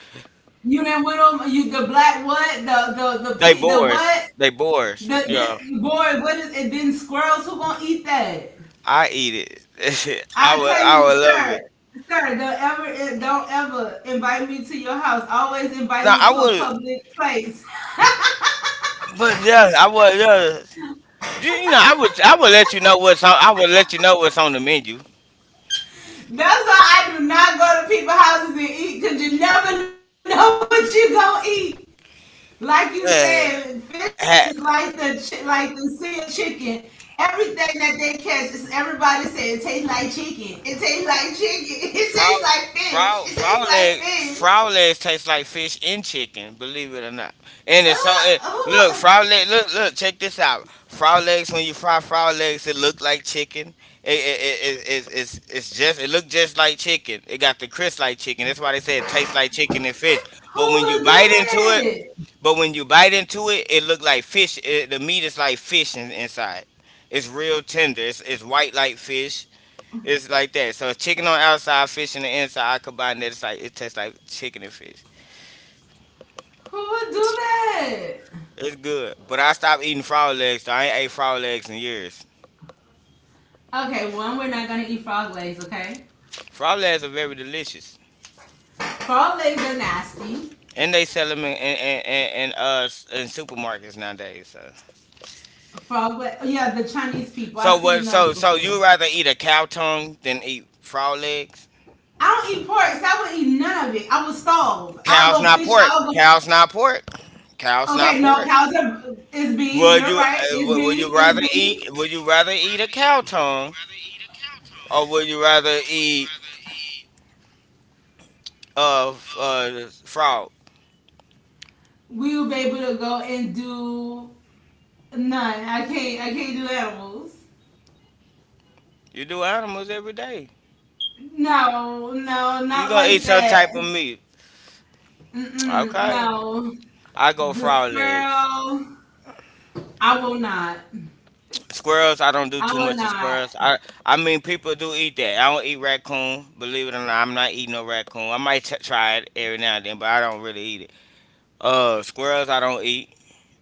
You didn't with them. You the black what? The
They
pig, the
boars.
what?
They boars.
The,
Yeah.
the boy. What is it? Been squirrels. Who gonna eat that?
I eat it. (laughs)
I tell
I
you,
would love
sir.
it.
Sir, don't ever invite me to your house. Always invite
No,
me
I
to a
would.
public place.
But yeah, I would. Yeah, you know, I would. I would let you know what's on. I would let you know what's on the menu.
That's why I do not go to people's houses and eat, cause you never (laughs) know what you gonna eat. Like you said,
Uh,
fish is like the
ha,
like the sea of chicken. Everything that they catch is everybody say it tastes like chicken. It tastes like chicken. (laughs) It tastes like
frog,
fish. It tastes like fish.
frog leg, frog legs taste like fish and chicken. Believe it or not, and
Uh,
it's so. It,
who
look, frog leg. Look, look. Check this out. Frog legs. When you fry frog legs, it look like chicken. It, it, it, it, it's, it's it's just it look just like chicken. It got the crisp like chicken. That's why they say it tastes like chicken and fish.
who
But when
would do
you bite into.
that?
But when you bite into it, it look like fish. It, the meat is like fish inside. It's real tender. It's white like fish. It's like that. So it's chicken on the outside, fish in the inside. I combine that. It's like it tastes like chicken and fish.
Who would do that?
It's good. But I stopped eating frog legs. So I ain't ate frog legs in years.
Okay, one, we're not gonna eat frog legs. Okay,
Frog legs are very delicious,
frog legs are nasty.
and they sell them in supermarkets nowadays. So
Frog, leg. Yeah, the Chinese people. I've
so
seen
what?
those
So so
before.
you rather eat a cow tongue than eat frog legs?
I don't eat pork, so I would eat none of it. I would starve. I'll
Cow's
go
not
fish.
pork.
I'll go.
Cow's not pork. Cow's
Okay,
not
no,
pork.
cows are, is beef. You're right. It's
Would you
beef. It's
rather eat
beef.
a cow tongue or would you rather eat uh f- uh frog?
We will be able to go and do none. I can't. I can't do animals.
You do animals every day.
No, no,
You
not
gonna eat
like
some
that.
type of meat.
Mm-mm,
Okay.
no,
I go
this
frog legs.
girl. I will not.
Squirrels, I don't do
I
too
will
much of
not.
squirrels. I mean people do eat that. I don't eat raccoon. Believe it or not, I'm not eating no raccoon. I might try it every now and then, but I don't really eat it. Uh, squirrels I don't eat.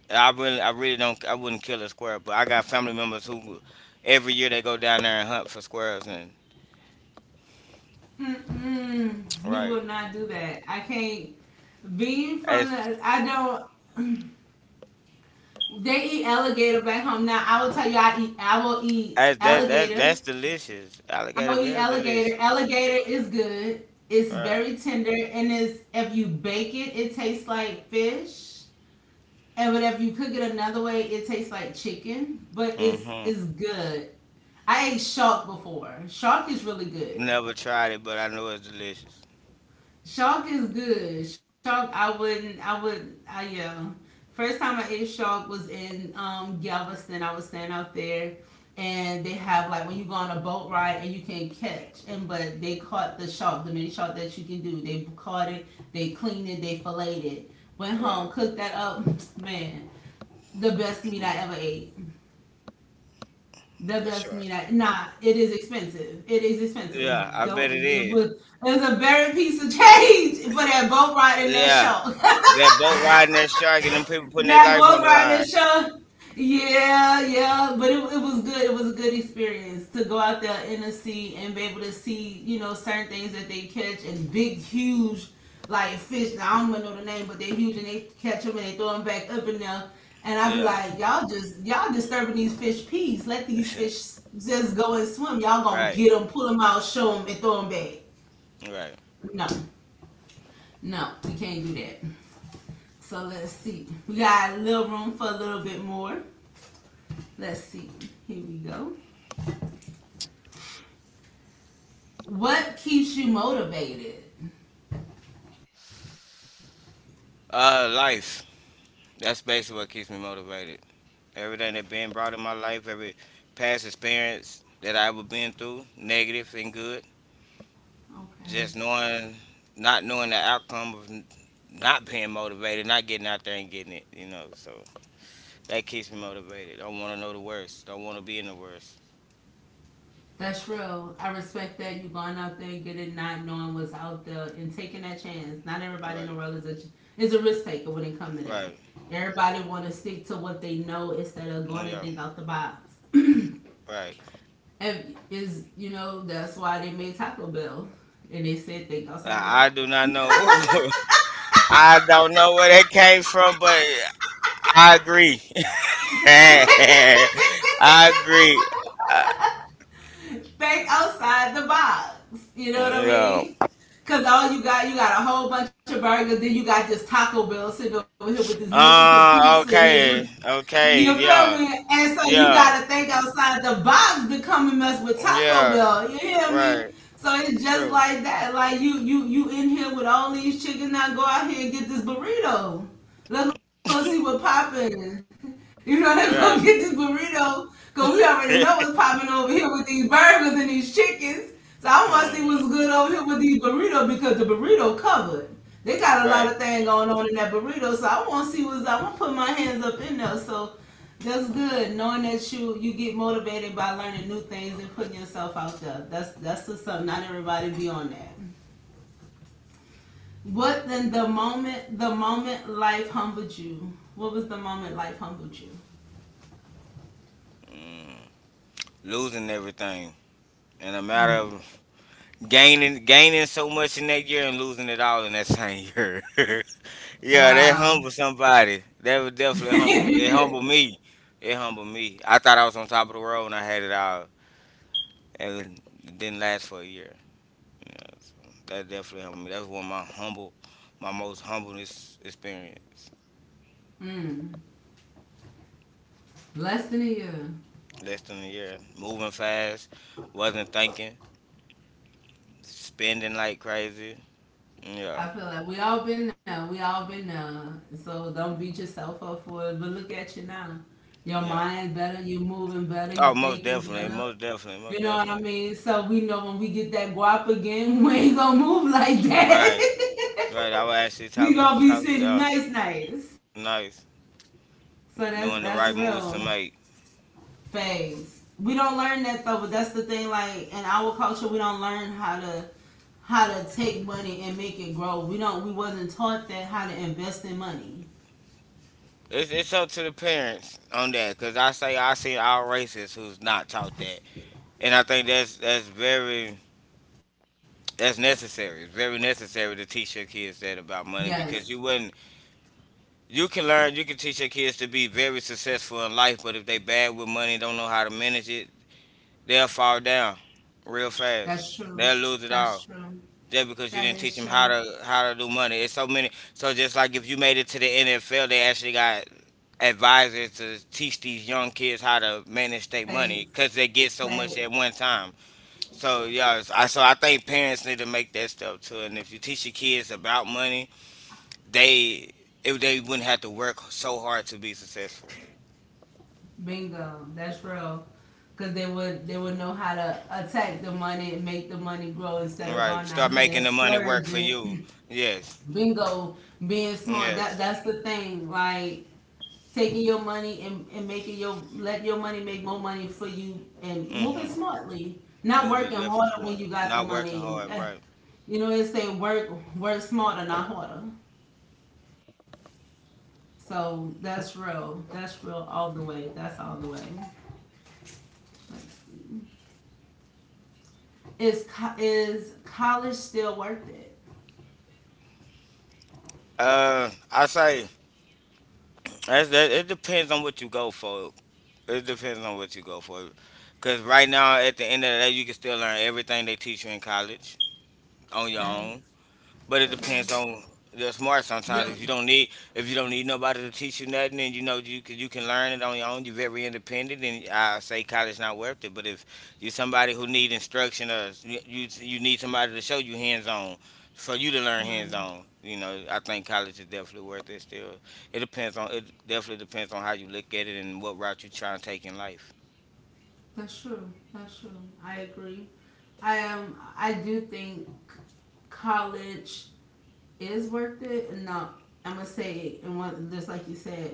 I really don't. I wouldn't kill a squirrel, but I got family members who every year they go down there and hunt for squirrels. And
Mm-mm, we
right,
will not do that. I can't. Being from
as
the, I don't. They eat alligator back home. Now I will tell you, I eat. I will eat
as that that that's
alligator.
delicious. Alligator
I
very
will eat
delicious.
alligator. Alligator is good.
Right.
It's very tender, and it's if you bake it, it tastes like fish. And but if you cook it another way, it tastes like chicken. But
Mm-hmm.
it's good. I ate shark before. Shark is really good.
Never tried it, but I know it's delicious.
Shark is good. Shark, I wouldn't. I would. I yeah. First time I ate shark was in Galveston. I was staying out there, and they have like when you go on a boat ride and you can catch and but they caught the shark, the mini shark that you can do. They caught it. They cleaned it. They filleted it. Went home,
Right.
cooked that up. (tsk) Man, the best meat I
Mm,
ever ate. That
for
does
sure.
mean that nah, it is expensive. It is
Yeah,
expensive.
I bet
Don't
it
it
is.
was a very piece of change for that boat ride and that
Yeah,
show.
that boat riding that shark and them people putting their
That
life on
go
the
by
line.
this show. Yeah, yeah, but it was good. It was a good experience to go out there in the sea and be able to see, you know, certain things that they catch and big, huge, like fish. Now I don't even know the name, but they're huge and they catch them and they throw them back up in there. And I be
Yeah.
like, y'all disturbing these fish peace. Let these fish
(laughs)
just go and swim. Y'all gonna
Right.
get them, pull them out, show them, and throw them back.
Right.
No, no, we can't do that. So let's see. We got a little room for a little bit more. Let's see. Here we go. What keeps you motivated?
Life. That's basically what keeps me motivated. Everything that been brought in my life, every past experience that I ever been through, negative and good.
Okay.
Just knowing, not knowing the outcome of not being motivated, not getting out there and getting it, you know. So that keeps me motivated. Don't want to know the worst. Don't want to be in the worst.
That's real. I respect that you going out there and getting not knowing what's out there and taking that chance. Not everybody in the
Right,
world is a risk taker when it comes to that.
right.
Everybody want to stick to what they know instead of
Oh,
going and
yeah,
think out the box. (clears throat)
right.
and is you know that's why they made Taco Bell and they said think outside the
I
box.
do not know. (laughs) I don't know where that came from, but I agree. (laughs) I agree. Uh,
(laughs) think outside the box. You know what I
yeah.
mean? Cause you got a whole bunch of burgers. Then you got this Taco Bell sitting over here with this Mexican pizza. And
Okay, okay,
you feel
yeah,
me? And so you
yeah,
gotta think outside the box to come and mess with Taco
yeah,
Bell. You hear
right,
me? So it's
true,
just like that. Like you in here with all these chickens now go out here and get this burrito. Let's go see what popping. (laughs) You know,
right.
let's go get this burrito. Cause
(laughs)
we
Oh
already know what's popping over here with these burgers and these chickens. So I wanna see
man,
what's good over here with these burritos because the burrito covered. They got a
right.
lot of things going on in that burrito, so I want to see what's up. I'm gonna put my hands up in there. So that's good, knowing that you get motivated by learning new things and putting yourself out there. That's what's up. Not everybody be on that. What then the moment life humbled you? What was the moment life humbled you?
Mm. Losing everything in a matter
Mm.
of gaining, so much in that year and losing it all in that same year. (laughs) Yeah, that humble
Wow.
somebody. That would
(laughs)
definitely humble. It
mm.
humbled me. It humbled me. I thought I was on top of the world when I had it all, and it didn't last for a year. Yeah, so that definitely helped me. That's one of my humble, my most humblest experience.
Less than a year.
Less than a year, moving fast, wasn't thinking, spending like crazy. Yeah,
I feel like we all been there. We all been there. So don't beat yourself up for it. But look at you now. Your
yeah.
mind better. You moving better. You
Oh, most
thinking
definitely,
better.
most definitely,
You
most
know what I
definitely.
mean? So we know when we get that guap again, (laughs) we ain't gonna move like
Right,
that.
right. I was
(laughs)
actually
we gonna be
talking.
sitting
Yeah,
nice, nice.
nice.
So that's
Knowing the right
real.
moves to make.
Phase. We don't learn that though, but that's the thing. Like in our culture, we don't learn how to take money and make it grow. We don't. We wasn't taught that how to invest in money.
It's up to the parents on that, cause I say I see our racists who's not taught that, and I think that's very. That's necessary. It's very necessary to teach your kids that about money
Yes,
because you wouldn't. You can learn. You can teach your kids to be very successful in life, but if they bad with money, don't know how to manage it, they'll fall down real fast.
that's true.
They'll lose it
That's
all
true.
just because you
That
didn't teach
is
them
true.
how to do money. It's so many. So just like if you made it to the NFL, they actually got advisors to teach these young kids how to manage their
Thanks.
money because they get so
Thanks.
much at one time. So yeah, I so I think parents need to make that step too. And if you teach your kids about money, they if they wouldn't have to work so hard to be successful.
Bingo. That's real. Cause they would know how to attack the money and make the money grow instead of going
Right.
out
Start
here and
making the money work for
splurging.
you.
(clears throat)
Yes.
Bingo, being smart. That
Yes.
that's the thing. Like taking your money and making your let your money make more money for you and moving
Mhm.
smartly not working
Moving definitely
harder when you
smart.
got the
Not working
money.
hard.
Eh,
Right.
you know they say work smarter not harder, so that's real, that's real all the way, is is college still worth it.
I say that. It depends on what you go for. It depends on what you go for. Cause right now, at the end of the day, you can still learn everything they teach you in college on your own.
Facts.
But it depends on your smart. Sometimes
Yep,
if you don't need nobody to teach you nothing, and you know you can learn it on your own. You're very independent, and I say college not worth it. But if you're somebody who need instruction or you need somebody to show you hands on for you to learn hands
right.
on, you know I think college is definitely worth it. Still, it depends on it definitely depends on how you look at it and what route you're trying to take in life.
That's true, that's true, I agree. I am I do think college is worth it. No, I'm gonna say and what just like you said,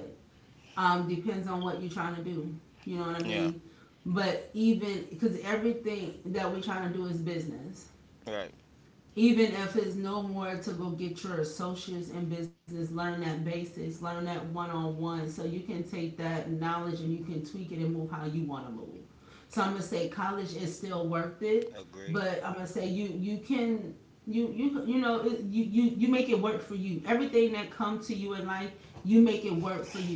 depends on what you're trying to do, you know what I
Yeah,
mean? But even because everything that we're trying to do is business,
right.
even if it's no more to go get your associates in business, learn that basis, learn that one-on-one so you can take that knowledge and you can tweak it and move how you want to move. So I'm going to say college is still worth it,
Agree.
but I'm going to say you you can you know you, you make it work for you. Everything that comes to you in life, you make it work for you.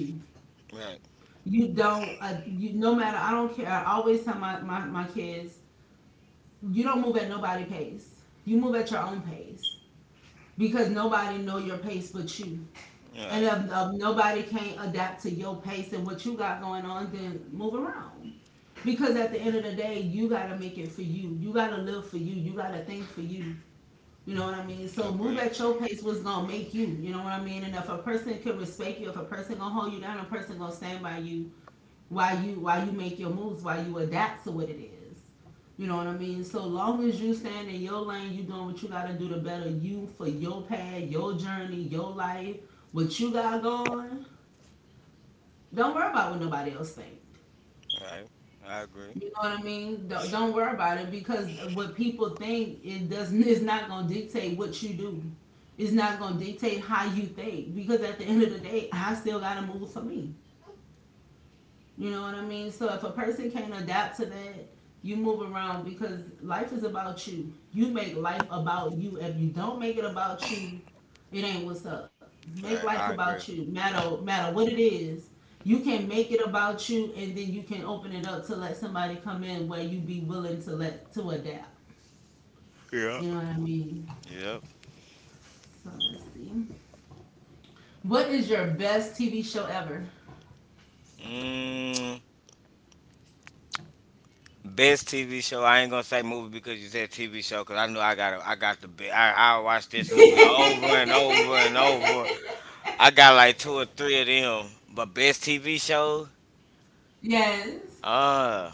Right.
You don't you no matter I don't care. I always tell my my kids you don't move at nobody pace. You move at your own pace because nobody know your pace but you. And if,
Right.
if nobody can't adapt to your pace and what you got going on, then move around. Because at the end of the day, you gotta make it for you. You gotta live for you. You gotta think for you. You know what I mean? So move
Agree.
at your pace. What's gonna make you? You know what I mean? And if a person can respect you, if a person gonna hold you down, a person gonna stand by you while you make your moves, while you adapt to what it is. You know what I mean? So long as you stand in your lane, you doing what you gotta do to better you for your path, your journey, your life, what you got going. Don't worry about what nobody else think.
Right. I agree.
You know what I mean? Don't worry about it because what people think it doesn't it's not gonna dictate what you do. It's not gonna dictate how you think because at the end of the day, I still gotta move for me. You know what I mean? So if a person can't adapt to that, you move around because life is about you. You make life about you. If you don't make it about you, it ain't what's up. Make
Right.
life
I
about
agree.
you. Matter what it is. You can make it about you and then you can open it up to let somebody come in where you be willing to let to adapt. You know what I mean?
Yep.
So let's see. What is your best TV show ever?
Mm, best TV show. I ain't gonna say movie because you said TV show. Cause I know I got the I watch this movie
(laughs)
over and over and over. I got like two or three of them. But best TV show.
yes.
Uh,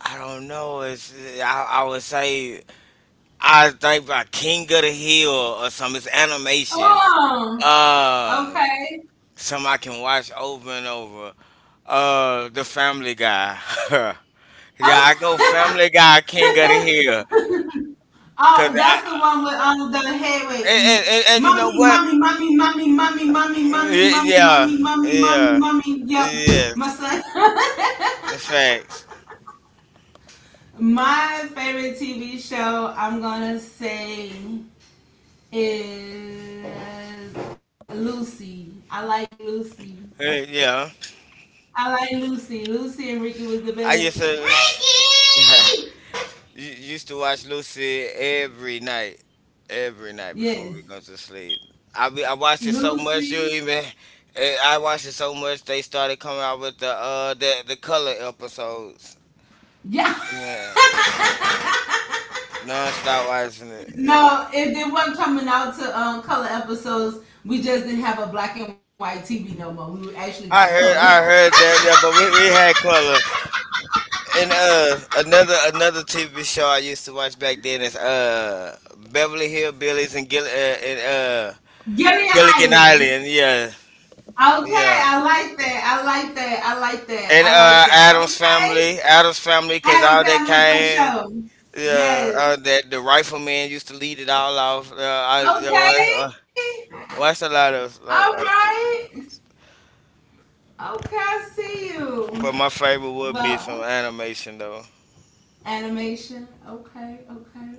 I don't know. It's I would say I think by King of the Hill or some. It's animation.
Oh.
Um,
Okay.
some I can watch over and over. The Family Guy. (laughs) Yeah, I go
Oh,
Family
(laughs)
Guy, King of the Hill, cause
oh,
I
that's the one with the head with mm,
and you
mommy,
know what?
mommy, mommy, mommy, mommy, mommy, mommy, mommy, mommy,
Yeah,
mommy, mommy,
yeah,
mommy. Yep, my
yes,
son. (laughs)
facts.
my favorite TV show I'm gonna say is Lucy. I like Lucy.
Uh, Yeah,
I like Lucy. Lucy and Ricky was the
I
best.
used to
Ricky.
(laughs) u- used to watch Lucy every night before we go to
Yes,
sleep. I watched it so much, you
Lucy.
even I watched it so much they started coming out with the the color episodes.
Yeah. (laughs)
Yeah, non-stop watching it. Yeah.
No, if they weren't coming out to color episodes, we just didn't have a black and white TV no more. We actually got color.
I heard that, that but we had color. And another TV show I used to watch back then is Beverly Hillbillies and uh
(laughs) Give me an
Gilligan
island.
Island. Yeah,
Okay,
yeah.
I like that. I like that. I like that.
And
I like that.
Adam's
Okay.
Family, Adam's Family, because all
Adam
that
Family for
kind,
sure.
yeah,
Yes.
all that the rifleman used to lead it all off. I you know, I
Okay.
watched a lot of,
All right.
TV
Okay,
shows,
I see you.
but my favorite would be some
Well,
animation though.
animation. Okay, okay.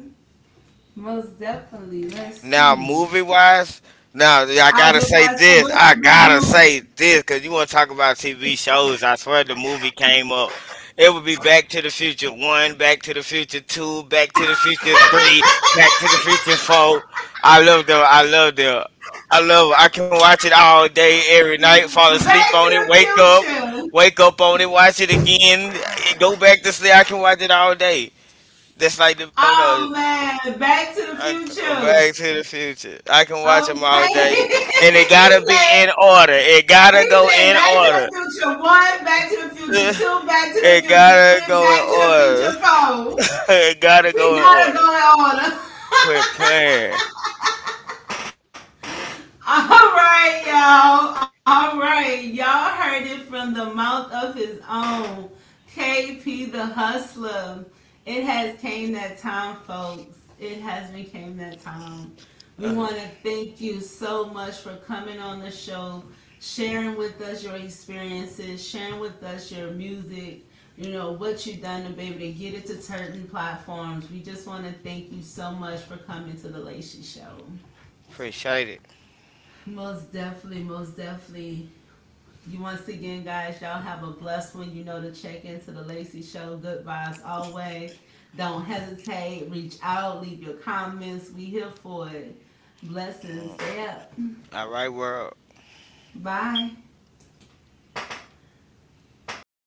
Most definitely. Let's
Now,
see.
movie wise, now yeah, I
I was
gotta
just about
say
to say,
this.
what's
I
the best
gotta
movie?
say this because you want to talk about TV shows. I swear the movie came up. It would be Back to the Future One, Back to the Future Two, Back to the Future Three, Back to the Future
(laughs)
Four. I love them. I love them. I love. I can watch it all day, every night. Fall asleep
Back
on
to
it. Wake up.
the future.
Wake up on it. Watch it again. Go back to sleep. I can watch it all day. That's like the. Oh no.
Oh man, back to the future.
Back to the Future. I can watch them all
Okay.
day,
(laughs)
and it gotta
he
be in
said
order. It gotta go in
back to the
order.
future one, back to the future
(laughs)
two, back to the
It
future
gotta
three,
go
back to the
in
future
order.
four.
(laughs) It gotta go
We
in
gotta
order.
go in order.
Quit playing.
All right, y'all. All right. Y'all heard it from the mouth of his own. KP the Hustler. It has came that time, folks. It has became that time. We want to thank you so much for coming on the show, sharing with us your experiences, sharing with us your music, you know, what you've done to be able to get it to certain platforms. We just want to thank you so much for coming to the Lacey Show.
Appreciate it.
Most definitely, most definitely. You once again, guys, y'all have a blessed one. You know to check into the Lacey Show. Good vibes always. Don't hesitate. Reach out. Leave your comments. We here for it. Blessings. Stay up.
All right, world.
Bye.